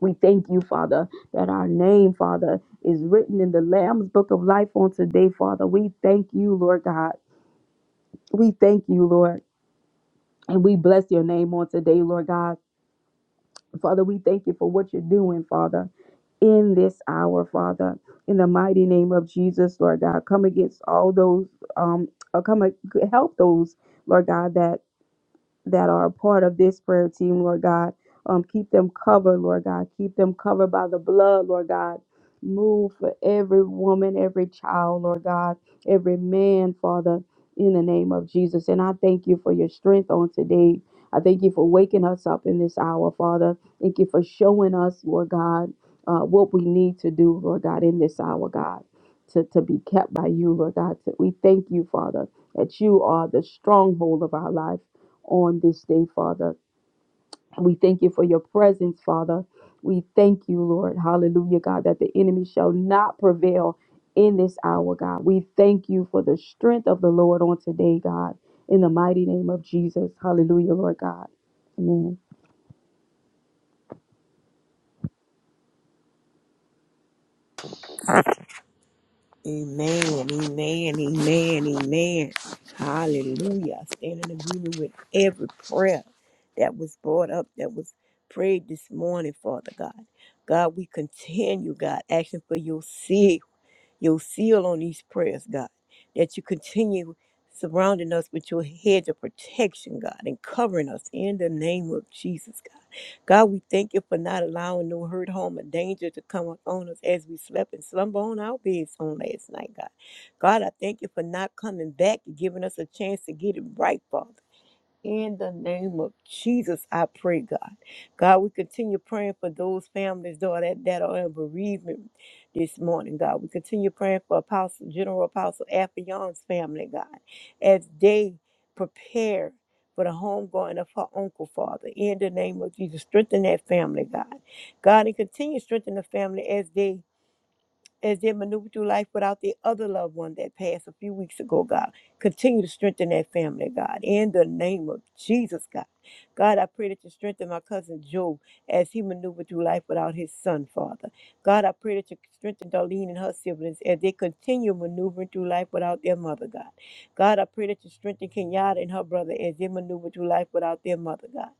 [SPEAKER 3] We thank you, Father, that our name, Father, is written in the Lamb's book of life on today, Father. We thank you, Lord God. We thank you, Lord. And we bless your name on today, Lord God. Father, we thank you for what you're doing, Father. in this hour, Father. In the mighty name of Jesus, Lord God, come against all those, um, uh, come ag- help those, Lord God, that that are a part of this prayer team, Lord God. Um, keep them covered, Lord God. Keep them covered by the blood, Lord God. Move for every woman, every child, Lord God, every man, Father, in the name of Jesus. And I thank you for your strength on today. I thank you for waking us up in this hour, Father. Thank you for showing us, Lord God, uh, what we need to do, Lord God, in this hour, God, to, to be kept by you, Lord God. We thank you, Father, that you are the stronghold of our life on this day, Father. We thank you for your presence, Father. We thank you, Lord. Hallelujah, God, that the enemy shall not prevail in this hour, God. We thank you for the strength of the Lord on today, God. In the mighty name of Jesus. Hallelujah, Lord God. Amen.
[SPEAKER 4] Amen, amen, amen, amen. Hallelujah. I stand in agreement with every prayer that was brought up, that was prayed this morning, Father God. God, we continue, God, asking for your seal your seal on these prayers, God, that you continue surrounding us with your hedge of protection, God, and covering us in the name of Jesus, God. God, we thank you for not allowing no hurt, harm, or danger to come upon us as we slept and slumber on our beds on last night, God. God, I thank you for not coming back and giving us a chance to get it right, Father. In the name of Jesus, I pray, God. God, we continue praying for those families, Lord, that, that are in bereavement this morning, God. We continue praying for Apostle, General Apostle Afion's family, God, as they prepare for the homegoing of her uncle, Father. In the name of Jesus, strengthen that family, God. God, and continue to strengthen the family as they as they maneuver through life without their other loved one that passed a few weeks ago, God. Continue to strengthen that family, God. In the name of Jesus, God. God, I pray that you strengthen my cousin Joe as he maneuvered through life without his son, Father. God, I pray that you strengthen Darlene and her siblings as they continue maneuvering through life without their mother, God. God, I pray that you strengthen Kenyatta and her brother as they maneuver through life without their mother, God.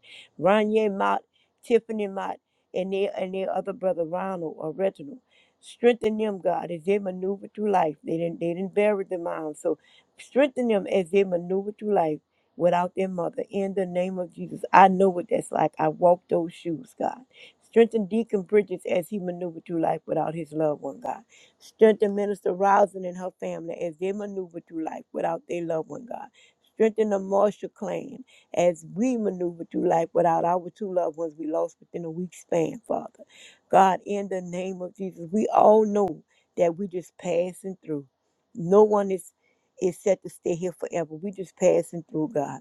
[SPEAKER 4] Ranye Mott, Tiffany Mott, and their, and their other brother, Ronald or Reginald. Strengthen them, God, as they maneuver through life. They didn't they didn't bury the mom. So strengthen them as they maneuver through life without their mother. In the name of Jesus. I know what that's like. I walked those shoes, God. Strengthen Deacon Bridges as he maneuvered through life without his loved one, God. Strengthen Minister Rousing and her family as they maneuver through life without their loved one, God. Strengthen the Marshall clan as we maneuver through life without our two loved ones we lost within a week's span, Father. God, in the name of Jesus, we all know that we just passing through. No one is is set to stay here forever. We just passing through, God.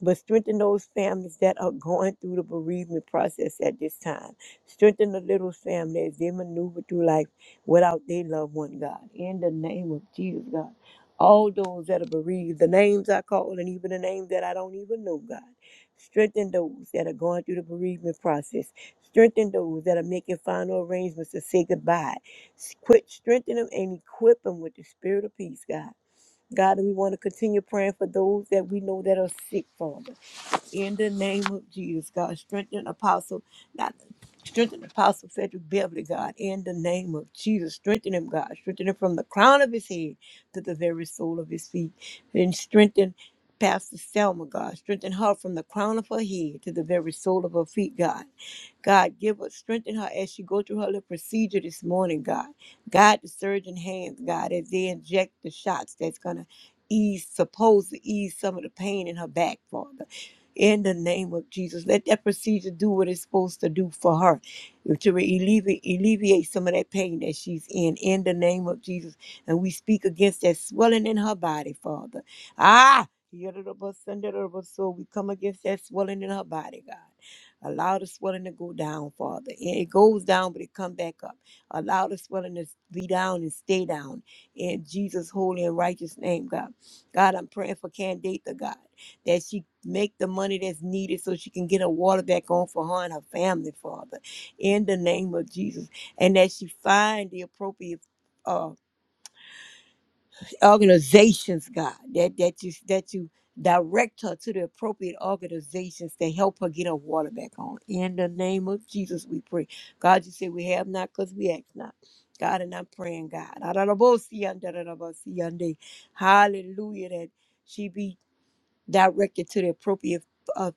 [SPEAKER 4] But strengthen those families that are going through the bereavement process at this time. Strengthen the little family as they maneuver through life without their loved one, God. In the name of Jesus, God. All those that are bereaved, the names I call, and even the names that I don't even know, God. Strengthen those that are going through the bereavement process. Strengthen those that are making final arrangements to say goodbye. S- Quit strengthen them and equip them with the spirit of peace, God. God, we want to continue praying for those that we know that are sick, Father. In the name of Jesus, God, strengthen Apostle, not strengthen Apostle Frederick Beverly, God. In the name of Jesus, strengthen him, God. Strengthen him from the crown of his head to the very sole of his feet. And strengthen Pastor Selma, God. Strengthen her from the crown of her head to the very sole of her feet, God. God, give her, strengthen her as she go through her little procedure this morning, God. Guide the surgeon hands, God, as they inject the shots that's gonna ease, supposed to ease some of the pain in her back, Father in the name of Jesus. Let that procedure do what it's supposed to do for her to alleviate, alleviate some of that pain that she's in, in the name of Jesus. And we speak against that swelling in her body, Father. Ah! [laughs] So we come against that swelling in her body, God. Allow the swelling to go down, Father. And It goes down, but it come back up. Allow the swelling to be down and stay down. In Jesus' holy and righteous name, God. God, I'm praying for Candida, God that she make the money that's needed so she can get her water back on for her and her family, Father, in the name of Jesus, and that she find the appropriate uh, organizations, God, that that you that you direct her to the appropriate organizations to help her get her water back on. In the name of Jesus, we pray. God, you say we have not because we ask not. God, and I'm praying, God. Hallelujah, that she be directed to the appropriate uh,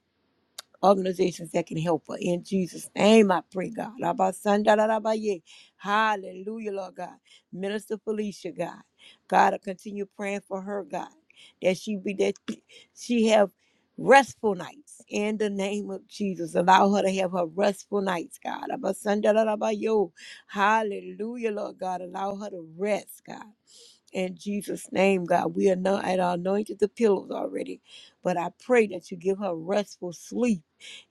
[SPEAKER 4] organizations that can help her. In Jesus' name, I pray, God. Abasandarabaye. Hallelujah, Lord God. Minister Felicia, God. God, I continue praying for her, God, that she be that [clears throat] she have restful nights in the name of Jesus. Allow her to have her restful nights, God. Abasandarabayo. Hallelujah, Lord God. Allow her to rest, God. In Jesus' name, God, we are not at our anointed the pillows already, but I pray that you give her restful sleep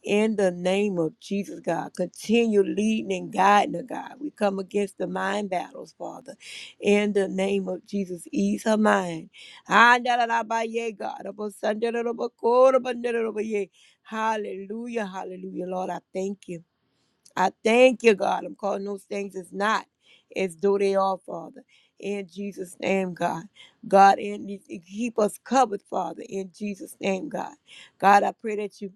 [SPEAKER 4] in the name of Jesus, God. Continue leading and guiding her, God. We come against the mind battles, Father, in the name of Jesus. Ease her mind. Andalalabaye, God. Abosandalabakorabandalabaye. Hallelujah, hallelujah, Lord. I thank you. I thank you, God. I'm calling those things as not as though they are, Father. In Jesus' name, God. God, and you- keep us covered, Father, in Jesus' name, God. God, I pray that you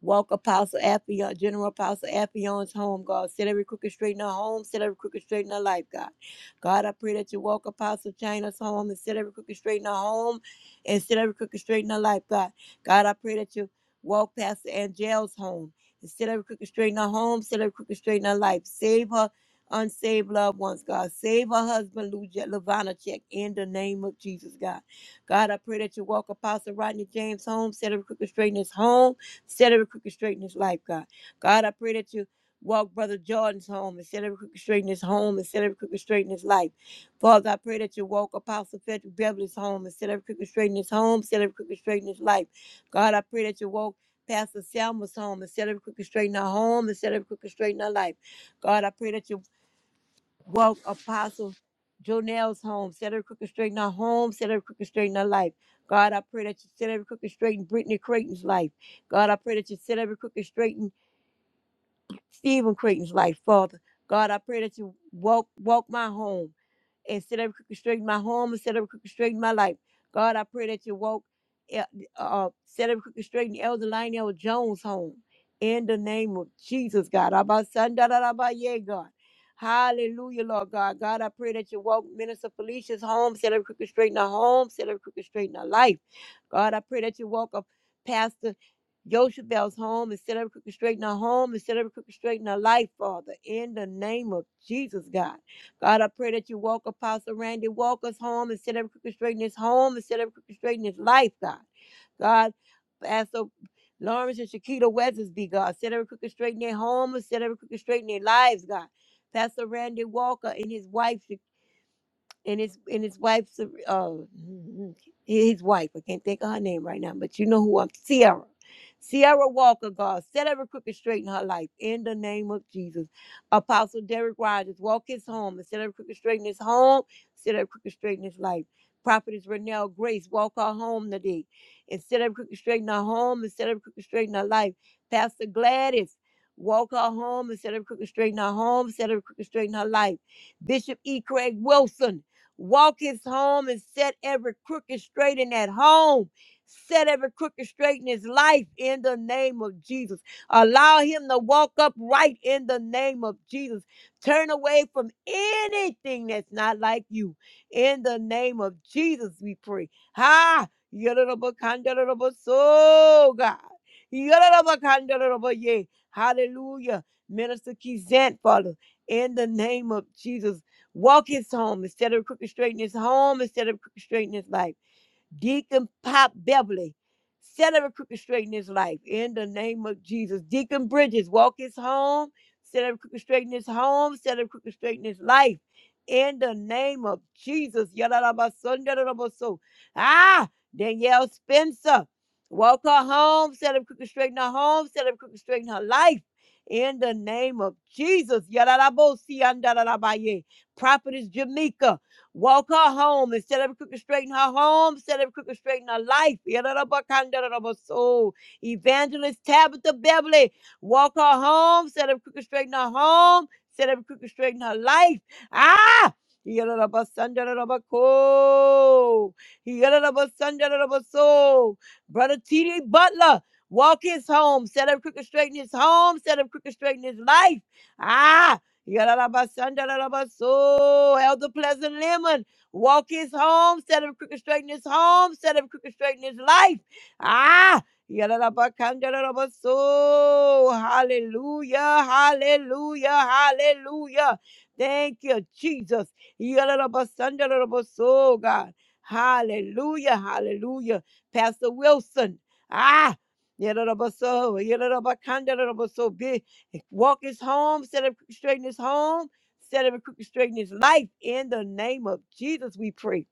[SPEAKER 4] Walk Apostle Appion, General Apostle Appion's home, God. Set every crooked straight in her home, set every crooked straight in her life, God. God, I pray that you walk Apostle China's home and set every crooked straight in her home and set every crooked straight in her life, God. God, I pray that you walk Pastor Angel's home and set every crooked straight in her home, set every crooked straight in her life. Save her unsaved loved ones, God. Save her husband, Lou Check, in the name of Jesus, God. God, I pray that you walk Apostle Rodney James home, set every crooked straight in his home Set every crooked straight in his life, God. God, I pray that you walk Brother Jordan's home and set every crooked straight in his home and set every crooked straight in his life. Father, I pray that you walk Apostle Frederick Beverly's home and set every crooked straight in his home, set every crooked straight in his life. God, I pray that you walk Pastor Selma's home and set every crooked straight in her home and set every crooked straight in her life. God, I pray that you Walk, Apostle Jonel's home. Set every crooked straight in her home. Set every crooked straight in her life. God, I pray that you set every crooked straight in Brittany Creighton's life. God, I pray that you set every crooked straight in Stephen Creighton's life, Father. God, I pray that you walk, walk my home instead of restricting my home, instead of restricting my life. God, I pray that you woke El- uh, instead of restricting Elder Lionel Jones home. In the name of Jesus, God. Abba, son, da, da, da, ba, yeah, God. Hallelujah, Lord God. God, I pray that you woke Minister Felicia's home, set up crooked straight in her home, set up crooked straight in her life. God, I pray that you woke up Pastor Yoshabel's home and set up crooked straight in her home and set up crooked straight in her life, Father. In the name of Jesus, God. God, I pray that you walk Apostle Randy Walker's home instead of crooked straight in his home, instead of crooked straight in his life, God. God, Pastor Lawrence and Shakita Weathersby, God, set every crooked straight in their home, set every crooked straight in their lives, God. Pastor Randy Walker and his wife, and his and his wife's uh his wife. I can't think of her name right now, but you know who I'm Sierra. Sierra Walker, God, set every crooked straight in her life in the name of Jesus. Apostle Derek Rogers, walk his home and set every crooked straight in his home, set every crooked straight in his life. Prophetess Renelle Grace, walk her home today and set every crooked straight in her home and set every crooked straight in her life. Pastor Gladys, walk her home and set every crooked straight in her home, set every crooked straight in her life. Bishop E. Craig Wilson, walketh home and set every crooked straight in that home. Set every crooked straight in his life in the name of Jesus. Allow him to walk upright in the name of Jesus. Turn away from anything that's not like you. In the name of Jesus, we pray. Ha! So God. Yororobokandororoboye. Hallelujah. Minister Kizant, Father, in the name of Jesus. Walk his home instead of crooked straighten his home, instead of crooked straighten his life. Deacon Pop Beverly, set every crooked straight in his life in the name of Jesus. Deacon Bridges, walk his home, set every crooked straight in his home, set every crooked straight in his life in the name of Jesus. Yadadabasun, Ah, Danielle Spencer, walk her home, set every crooked straight in her home, set every crooked straight in her life. In the name of Jesus. Yadadabosi, andadadabaye. Prophetess Jamaica. Walk her home instead of crooked straighten her home, instead of crooked straighten her life. Yadadabakandaradabasoo. Evangelist Tabitha Beverly, walk her home instead of crooked straighten her home, instead of crooked straighten her life. Ah! Yadadabasandaradabako. Yadadabasandaradabasoo. Brother T.D. Butler, walk his home, set up crooked straighten his home, set up crooked straighten his life. Ah! Yarabasandarabaso. Elder Pleasant Lemon. Walk his home. Set him crooked straight in his home. Set him crooked straight in his life. Ah. Yarabakandarabaso. Hallelujah. Hallelujah. Hallelujah. Thank you, Jesus. Yarabasandarabaso, God. Hallelujah. Hallelujah. Pastor Wilson. Ah. Yadadabaso, yadadabakandadabaso. Walk his home, set up crooked straighten his home, set up crooked straighten his life. In the name of Jesus, we pray.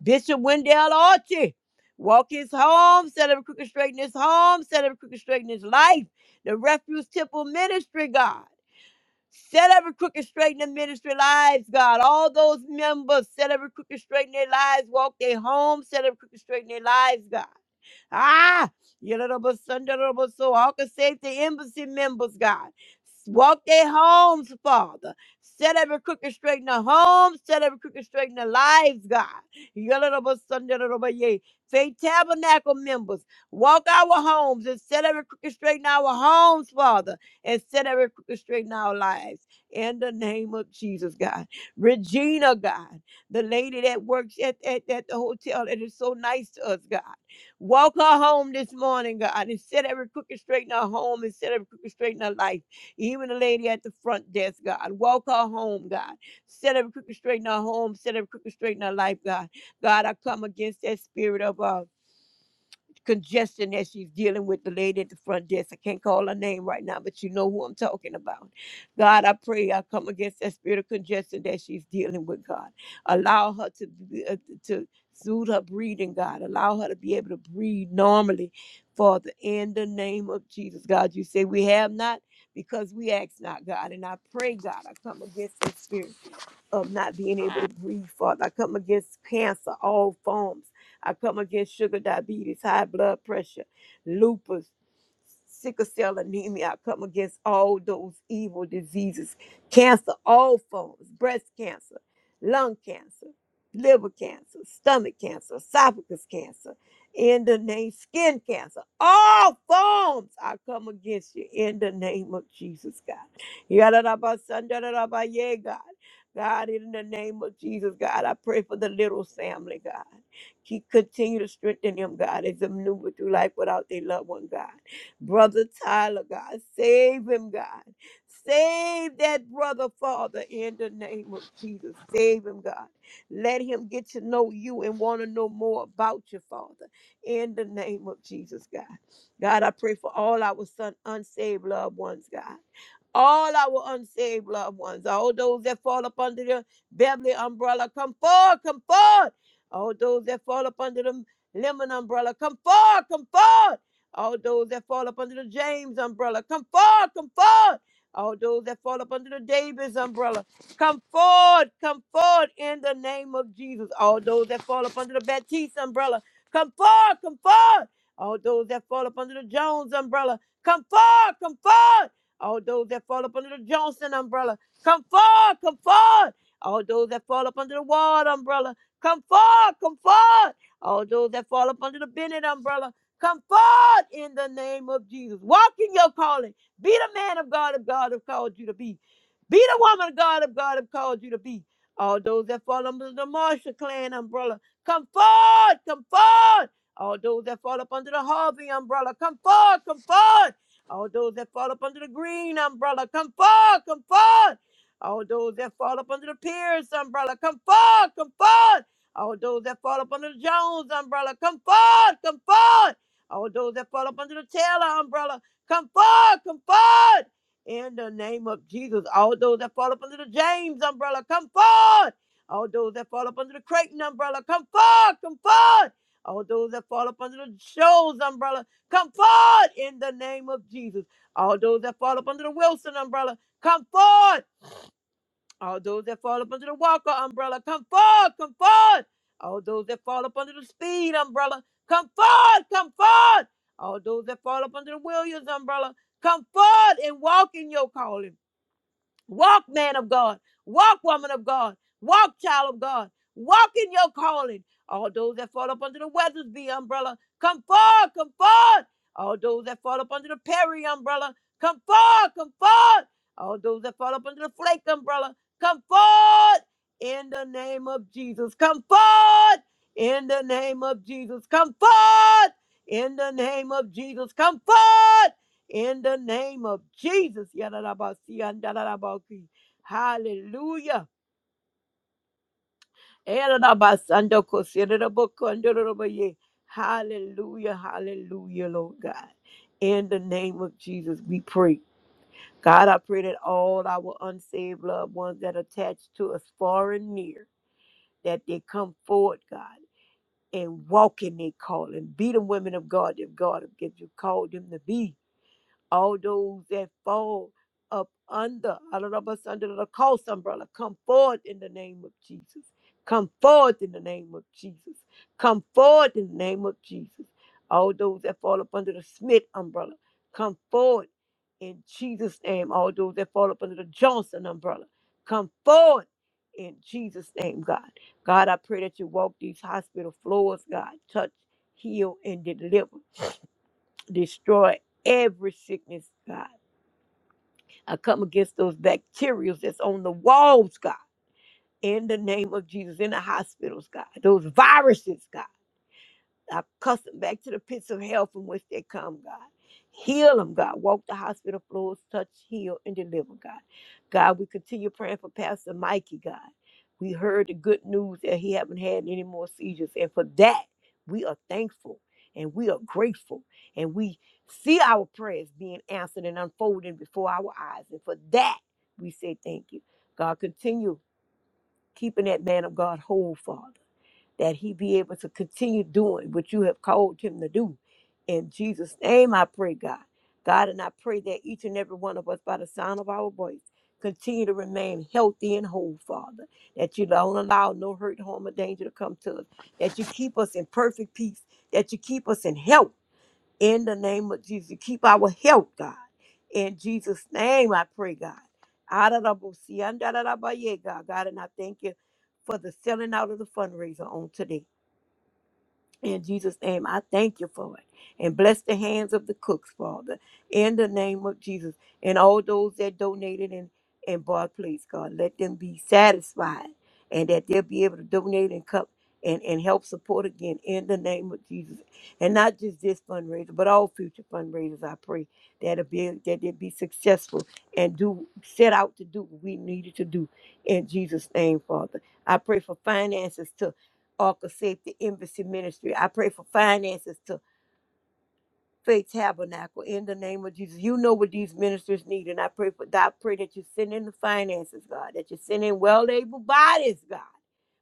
[SPEAKER 4] Bishop Wendell Archie, walk his home, set up crooked straighten his home, set up crooked straighten his life. The Refuge Temple Ministry, God. Set every crooked straighten the ministry lives, God. All those members, set every crooked straighten their lives, walk their home, set every crooked straighten their lives, God. Ah, Yadadabasundaradabas- so all can save the embassy members, God. Walk their homes, Father. Set every crooked straight in their homes. Set every crooked straight in their lives, God. Yadadabasundaradabaye. Faith Tabernacle members, walk our homes and set every crooked straight in our homes, Father, and set every crooked straight in our lives. In the name of Jesus, God. Regina, God the lady that works at, at, at the hotel that is so nice to us, God. Walk her home this morning, God, and set every crooked straight in her home and set every crooked straight in her life. Even the lady at the front desk, God. Walk her home, God. Set every crooked straight in her home, set every crooked straight in her life, God. God, I come against that spirit of uh congestion that she's dealing with the lady at the front desk. I can't call her name right now, but you know who I'm talking about. God, I pray I come against that spirit of congestion that she's dealing with, God. Allow her to be- uh, to soothe her breathing, God. Allow her to be able to breathe normally, Father, in the name of Jesus, God. You say we have not because we ask not, God. And I pray, God, I come against this spirit of not being able to breathe, Father. I come against cancer, all forms. I come against sugar diabetes, high blood pressure, lupus, sickle cell anemia. I come against all those evil diseases, cancer, all forms, breast cancer, lung cancer, liver cancer, stomach cancer, esophagus cancer, in the name, skin cancer, all forms. I come against you in the name of Jesus, God. Yadadabasandadadaba, Yeah, God. God, in the name of Jesus, God, I pray for the little family, God. Keep continue to strengthen them, God, as they maneuver through life without their loved one, God. Brother Tyler, God, save him, God. Save that brother, Father, in the name of Jesus. Save him, God. Let him get to know you and want to know more about you, Father, in the name of Jesus, God. God, I pray for all our son, unsaved loved ones, God all our unsaved loved ones, all those that fall up under the Beverly umbrella, come forward, come forward. All those that fall up under the Lemon umbrella, come forward, come forward. All those that fall up under the James umbrella, come forward, come forward. All those that fall up under the Davis umbrella, come forward, come forward in the name of Jesus. All those that fall up under the Baptiste umbrella, come forward, come forward. All those that fall up under the Jones umbrella, come forward, come forward. All those that fall up under the Johnson umbrella, come forward, come forward. All those that fall up under the Ward umbrella, come forward, come forward. All those that fall up under the Bennett umbrella, come forward in the name of Jesus. Walk in your calling. Be the man of God of God have called you to be. Be the woman of God of God have called you to be. All those that fall under the Marshall Clan umbrella, come forward, come forward. All those that fall up under the Harvey umbrella, come forward, come forward. All those that fall up under the green umbrella, come forth, come forth. All those that fall up under the Pierce umbrella, come forth, come forth. All those that fall up under the Jones umbrella, come forth, come forth. All those that fall up under the Taylor umbrella, come forth, come forth. In the name of Jesus, all those that fall up under the James umbrella, come forth. All those that fall up under the Creighton umbrella, come forth, come forth. All those that fall up under the Shoals umbrella, Come forward in the name of Jesus. All those that fall up under the Wilson umbrella, come forward. All those that fall up under the Walker umbrella, come forward, come forward. All those that fall up under the Speed umbrella, come forward, come forward. All those that fall up under the Williams umbrella, come forward and walk in your calling. Walk, man of God. Walk, woman of God. Walk, child of God. Walk in your calling. All those that fall up under the Weathersby umbrella, come forward, come forward. All those that fall up under the Perry umbrella, come forward, come forward. All those that fall up under the Flake umbrella, come forward in the name of Jesus. Come forward in the name of Jesus. Come forward in the name of Jesus. Come forward in the name of Jesus. Yadarabasi, andarabaki. Hallelujah. Erarabasando, kosirerabo, Hallelujah, hallelujah, Lord God. In the name of Jesus, we pray. God, I pray that all our unsaved loved ones that attached to us far and near, that they come forward, God, and walk in their calling. Be the women of God that God has given you called them to be all those that fall up under, all of us under the Cost umbrella, come forward in the name of Jesus. Come forward in the name of Jesus. Come forward in the name of Jesus. All those that fall up under the Smith umbrella, come forward in Jesus' name. All those that fall up under the Johnson umbrella, come forward in Jesus' name, God. God, I pray that you walk these hospital floors, God. Touch, heal, and deliver. Destroy every sickness, God I come against those bacteria that's on the walls, God, in the name of Jesus, in the hospitals, God, those viruses, God. I cuss them back to the pits of hell from which they come, God. Heal them, God. Walk the hospital floors, touch, heal, and deliver, God. God, we continue praying for Pastor Mikey, God. We heard the good news that he haven't had any more seizures, and for that we are thankful and we are grateful, and we see our prayers being answered and unfolding before our eyes, and for that we say thank you. God, continue keeping that man of God whole, Father that he be able to continue doing what you have called him to do. In Jesus' name, I pray, God. God, and I pray that each and every one of us, by the sound of our voice, continue to remain healthy and whole, Father. That you don't allow no hurt, harm, or danger to come to us. That you keep us in perfect peace. That you keep us in health in the name of Jesus. Keep our health, God. In Jesus' name, I pray, God. Adarabosi, andarabaya, God, God, and I thank you for the selling out of the fundraiser on today. In Jesus' name, I thank you for it. And bless the hands of the cooks, Father, in the name of Jesus. And all those that donated and, and bought, please, God, let them be satisfied and that they'll be able to donate and come and, and help support again in the name of Jesus. And not just this fundraiser, but all future fundraisers, I pray that it be that they be successful and do set out to do what we needed to do in Jesus' name, Father. I pray for finances to. Arca Safety Embassy Ministry. I pray for finances to faith tabernacle in the name of Jesus. You know what these ministers need, and I pray for God. I pray that you send in the finances, God, that you send in well-able bodies, God,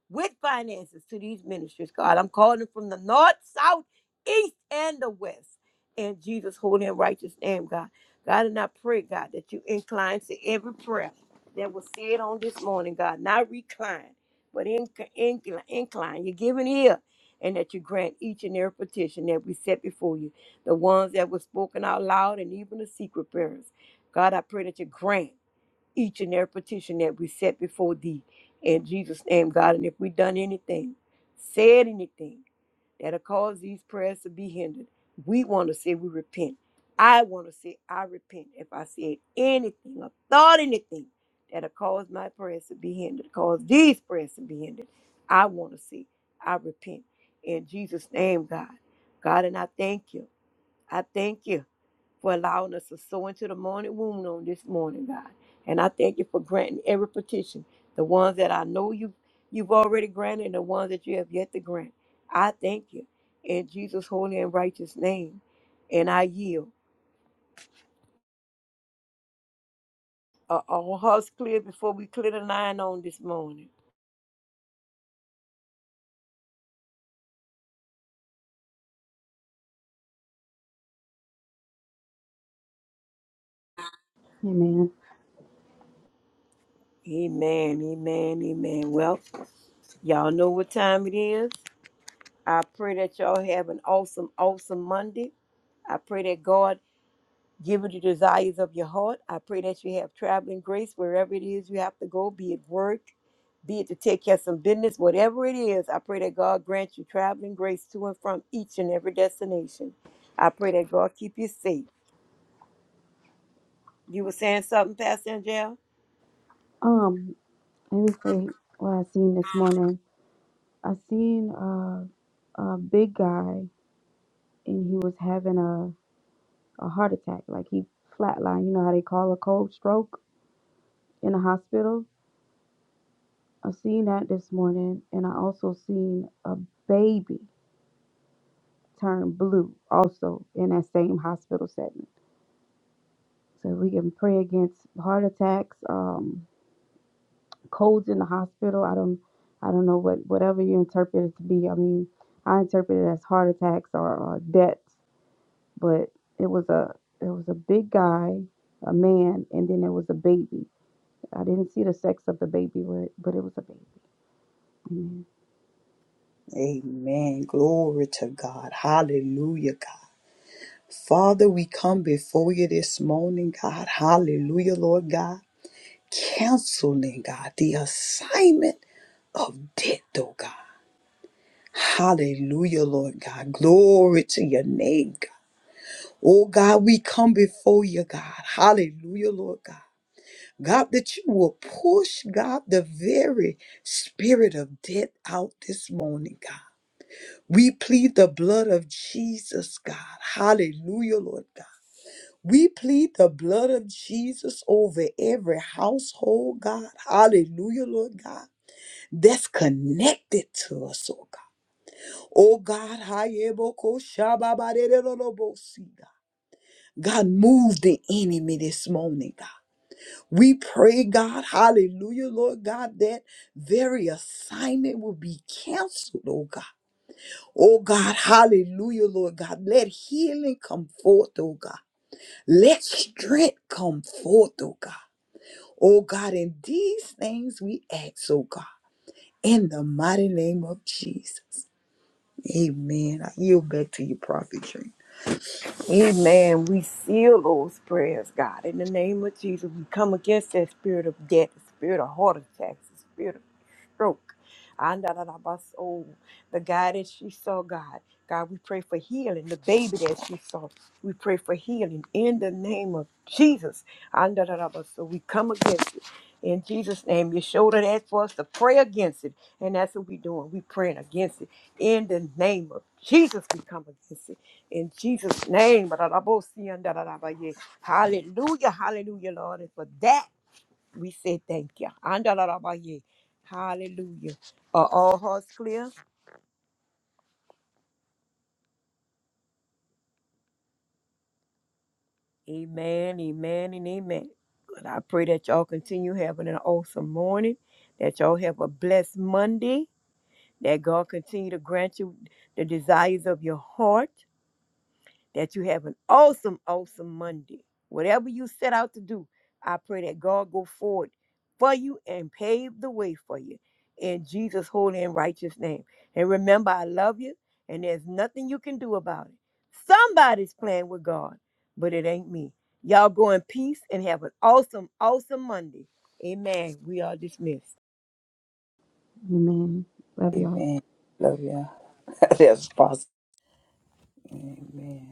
[SPEAKER 4] with finances to these ministers, God. I'm calling from the north, south, east, and the west. In Jesus' holy and righteous name, God. God, and I pray, God, that you incline to every prayer that was said on this morning, God, not recline, but inc- incline. incline. You're giving ear, and that you grant each and every petition that we set before you the ones that were spoken out loud and even the secret prayers. God, I pray that you grant each and every petition that we set before thee in Jesus' name, God. And if we have done anything, said anything that'll cause these prayers to be hindered, we want to say we repent. I want to say I repent if I said anything or thought anything that'll cause my prayers to be hindered, cause these prayers to be hindered. I want to say I repent in Jesus' name, God. God, and I thank you. I thank you for allowing us to sow into the morning womb on this morning, God. And I thank you for granting every petition, the ones that I know you you've already granted and the ones that you have yet to grant. I thank you in Jesus' holy and righteous name. And I yield. Are all hearts clear before we clear the line on this morning?
[SPEAKER 3] Amen.
[SPEAKER 4] Amen, amen, amen. Well, y'all know what time it is. I pray that y'all have an awesome, awesome Monday. I pray that God Give her the desires of your heart. I pray that you have traveling grace wherever it is you have to go, be it work, be it to take care of some business, whatever it is. I pray that God grant you traveling grace to and from each and every destination. I pray that God keep you safe. You were saying something, Pastor Angel?
[SPEAKER 3] Um, let me say what I seen this morning. I seen uh, a big guy and he was having a, a heart attack. Like he flatlined. You know how they call a cold stroke in the hospital? I seen that this morning, and I also seen a baby turn blue, also in that same hospital setting. So we can pray against heart attacks, um, colds in the hospital. I don't, I don't know what whatever you interpret it to be. I mean, I interpret it as heart attacks or, or deaths, but it was a it was a big guy, a man, and then there was a baby. I didn't see the sex of the baby, but but it was a baby.
[SPEAKER 2] Amen. Glory to God. Hallelujah, God. Father, we come before you this morning, God. Hallelujah, Lord God. Canceling, God, the assignment of death, oh God. Hallelujah, Lord God. Glory to your name, God. Oh God, we come before you, God. Hallelujah, Lord God. God, that you will push, God, the very spirit of death out this morning, God. We plead the blood of Jesus, God. Hallelujah, Lord God. We plead the blood of Jesus over every household, God. Hallelujah, Lord God. That's connected to us, oh God. Oh God, hayeboko shababarerolobosi, God, God, move the enemy this morning, God. We pray, God, hallelujah, Lord God, that very assignment will be canceled, oh God. Oh God, hallelujah, Lord God. Let healing come forth, oh God. Let strength come forth, oh God. Oh God, in these things we ask, oh God, in the mighty name of Jesus. Amen. I yield back to you, Prophet Dream.
[SPEAKER 4] Amen. We seal those prayers, God. In the name of Jesus, we come against that spirit of death, the spirit of heart attacks, the spirit of stroke. Andarabas, oh, the guy that she saw, God. God, we pray for healing. The baby that she saw, we pray for healing in the name of Jesus. Andarabas, So we come against it. In Jesus' name, you showed it. that for us to pray against it. And that's what we're doing. we praying against it. In the name of Jesus, we come against it. In Jesus' name. Hallelujah. Hallelujah, Lord. And for that. We say thank you. Andalarabaye. Hallelujah. Are all hearts clear? Amen, amen, and amen. But I pray that y'all continue having an awesome morning, that y'all have a blessed Monday, that God continue to grant you the desires of your heart that you have an awesome, awesome Monday. Whatever you set out to do, I pray that God go forward for you and pave the way for you in Jesus' holy and righteous name. And remember, I love you, and there's nothing you can do about it. Somebody's playing with God, but it ain't me. Y'all go in peace and have an awesome, awesome Monday. Amen. We are dismissed.
[SPEAKER 3] Amen. Love y'all.
[SPEAKER 2] Amen. Love you. [laughs] That's possible. Amen.